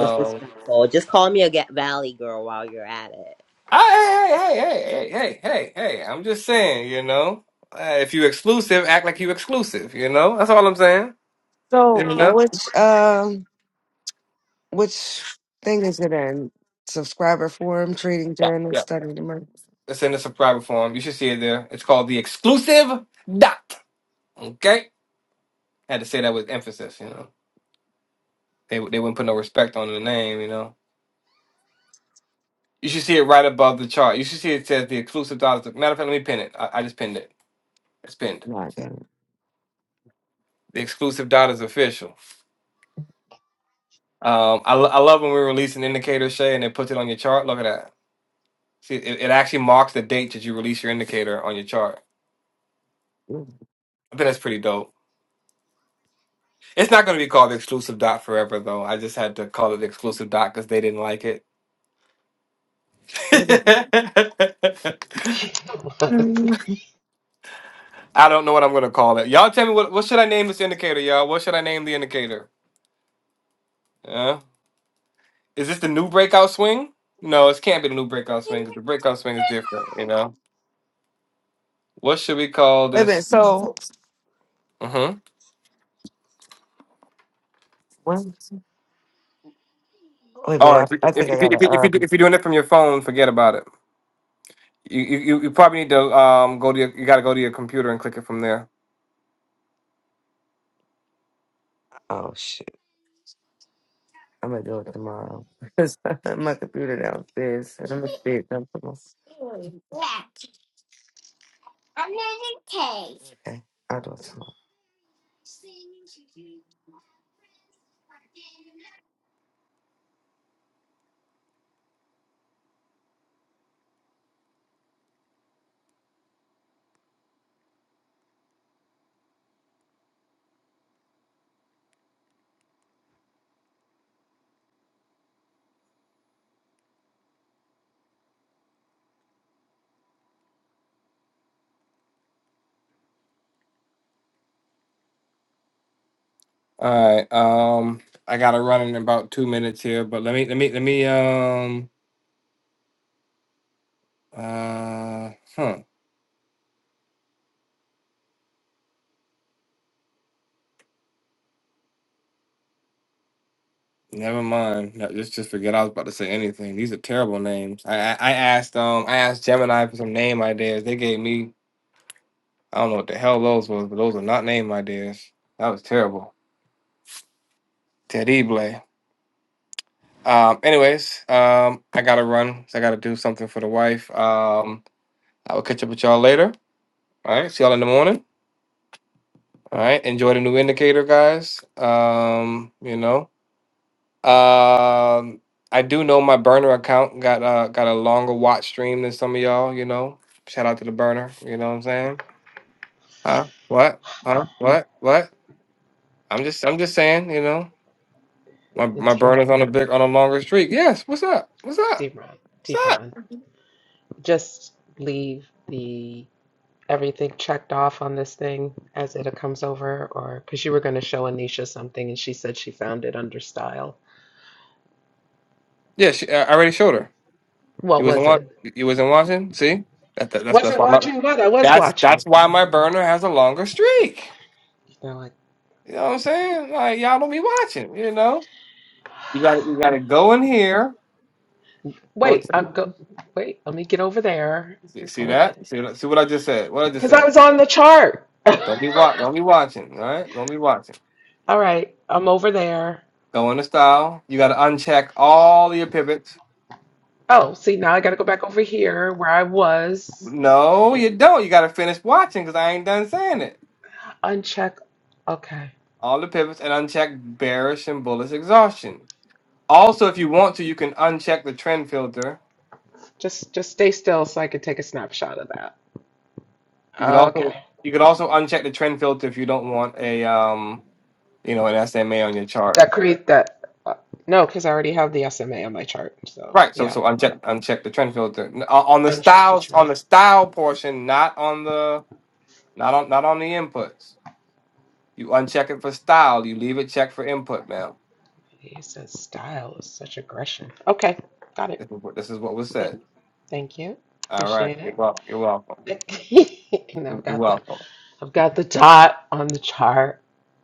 G: Just this so just call me a ga- valley girl while you're at it.
A: I, hey, hey, hey, hey, hey, hey, hey. hey, hey. I'm just saying, you know, uh, if you exclusive, act like you exclusive. You know, that's all I'm saying. You
F: so,
A: know,
F: which um, which thing is it in? Subscriber forum, trading
A: yeah,
F: journal,
A: yeah.
F: study the market.
A: It's in it's a private form. You should see it there. It's called the exclusive dot. Okay, had to say that with emphasis. You know, they they wouldn't put no respect on the name. You know, you should see it right above the chart. You should see it says the exclusive dot. Is matter of fact, let me pin it. I, I just pinned it. It's pinned.
F: No, I got
A: The exclusive dot is official. Um, I, lo- I love when we release an indicator, Shay, and it puts it on your chart. Look at that. See, it, it actually marks the date that you release your indicator on your chart. I think that's pretty dope. It's not going to be called the exclusive dot forever, though. I just had to call it the exclusive dot because they didn't like it.
F: it.
A: [LAUGHS]
D: [LAUGHS]
A: I don't know what I'm going to call it. Y'all tell me what what should I name this indicator, y'all? What should I name the indicator? Yeah. Is this the new breakout swing? No, it can't be the new breakout swing because the breakout swing is different. You know, what should we call
F: Wait a minute.
A: this?
F: So
A: hmm
F: when? Wait a
A: Oh,
F: minute.
A: if, if,
F: I, I
A: if,
F: think
A: if,
F: I gotta.
A: if, you, do-
F: Um.
A: if you're doing it from your phone, forget about it. You you you you probably need to um go to your, you got to go to your computer and click it from there.
F: Oh shit. I'm gonna do it tomorrow. [LAUGHS] 'Cause my computer downstairs and I'm gonna see it come from. Okay. I'll do it tomorrow.
A: All right. Um, I gotta run in about two minutes here, but let me let me let me um uh huh. Never mind. No, just just forget I was about to say anything. These are terrible names. I I, I asked um I asked Gemini for some name ideas. They gave me I don't know what the hell those was, but those are not name ideas. That was terrible. Teddy Blay. Um. Anyways, um, I gotta run. 'cause I gotta do something for the wife. Um, I will catch up with y'all later. All right. See y'all in the morning. All right. Enjoy the new indicator, guys. Um, you know. Um I do know my burner account got uh got a longer watch stream than some of y'all, you know. Shout out to the burner, you know what I'm saying? Huh? What? Huh? What? What? I'm just I'm just saying, you know. My
D: And
A: my
D: T-Ron,
A: burner's on a big on a longer streak. Yes, what's up? What's up?
D: T-Ron,
A: What's up?
D: T-Ron, just leave the everything checked off on this thing as it comes over, or because you were going to show Anisha something and she said she found it under style.
A: Yeah, she, I already showed her. You
D: What
A: wasn't
D: was it?
A: watching. You wasn't watching. See, that, that, that's that's
D: Wasn't
A: why my
D: watching, but I was
A: that's
D: watching.
A: that's why my burner has a longer streak.
D: You know, like,
A: You know what I'm saying? Like y'all don't be watching. You know,
D: [SIGHS]
A: you got you got to go in here. Go t-
D: wait, I'm go. Wait, let me get over there.
A: see, see
D: Go in there
A: that? See that? See what I just said? What I just
D: because I
A: said?
D: was on the chart.
A: Don't be watch. Don't
D: [LAUGHS]
A: be watching. All right? Don't be watching.
D: All right, I'm over there.
A: Go into style. You got to uncheck all your pivots.
D: Oh, see, now I got to go back over here where I was.
A: No, you don't. You got to finish watching because I ain't done saying it.
D: Uncheck. Okay,
A: All the pivots and uncheck bearish and bullish exhaustion. Also, if you want to, you can uncheck the trend filter.
D: just just stay still so I can take a snapshot of that.
A: You could also
D: Okay,
A: you could also uncheck the trend filter if you don't want a um you know an SMA on your chart
D: that create that. Uh, no, because I already have the SMA on my chart. So
A: Right. So
D: yeah,
A: so uncheck uncheck the trend filter N- o- on the
D: uncheck the
A: styles
D: chart.
A: on the style portion, not on the not on not on the inputs. You uncheck it for style. You leave it checked for input, ma'am.
D: He says style is such aggression. Okay, got it.
A: This is what this is what was
D: Thank,
A: said.
D: thank you.
A: All right.
D: Appreciate
A: You're welcome. You're welcome.
D: it. [LAUGHS] and I've
A: You're
D: got the
A: welcome.
D: I've got the dot on the chart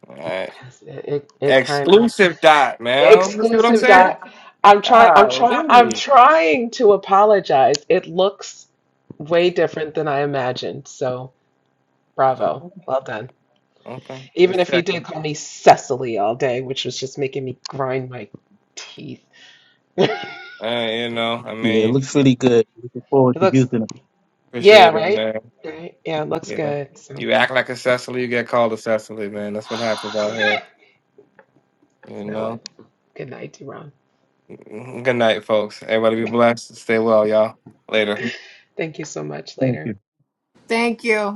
A: All right.
D: because it, it, it kind of
A: Exclusive dot, ma'am. You see what I'm
D: exclusive
A: saying?
D: dot. I'm trying I'm trying I'm
A: Golly.
D: trying to apologize. It looks way different than I imagined. So bravo. Well done.
A: Okay.
D: Even
A: Just
D: if you did
A: checking.
D: call me Cecily all day, which was just making me grind my teeth. [LAUGHS]
A: Uh, you know, I
C: Yeah, it
A: mean,
C: looks really good. Looking forward
D: It
C: to
D: looks
C: using
D: Yeah,
A: appreciate it,
D: right?
A: man.
D: Right. Yeah, it looks
A: You know,
D: good. So,
A: you act like a Cecily, you get called a Cecily, man. That's what happens
D: [SIGHS]
A: out here. You
D: you know
A: know.
D: what? Good night, Deron.
A: Good night, folks. Everybody be blessed. Stay well, y'all. Later.
C: it.
D: Thank you so much.
C: Thank
D: Later.
C: you.
E: Thank you.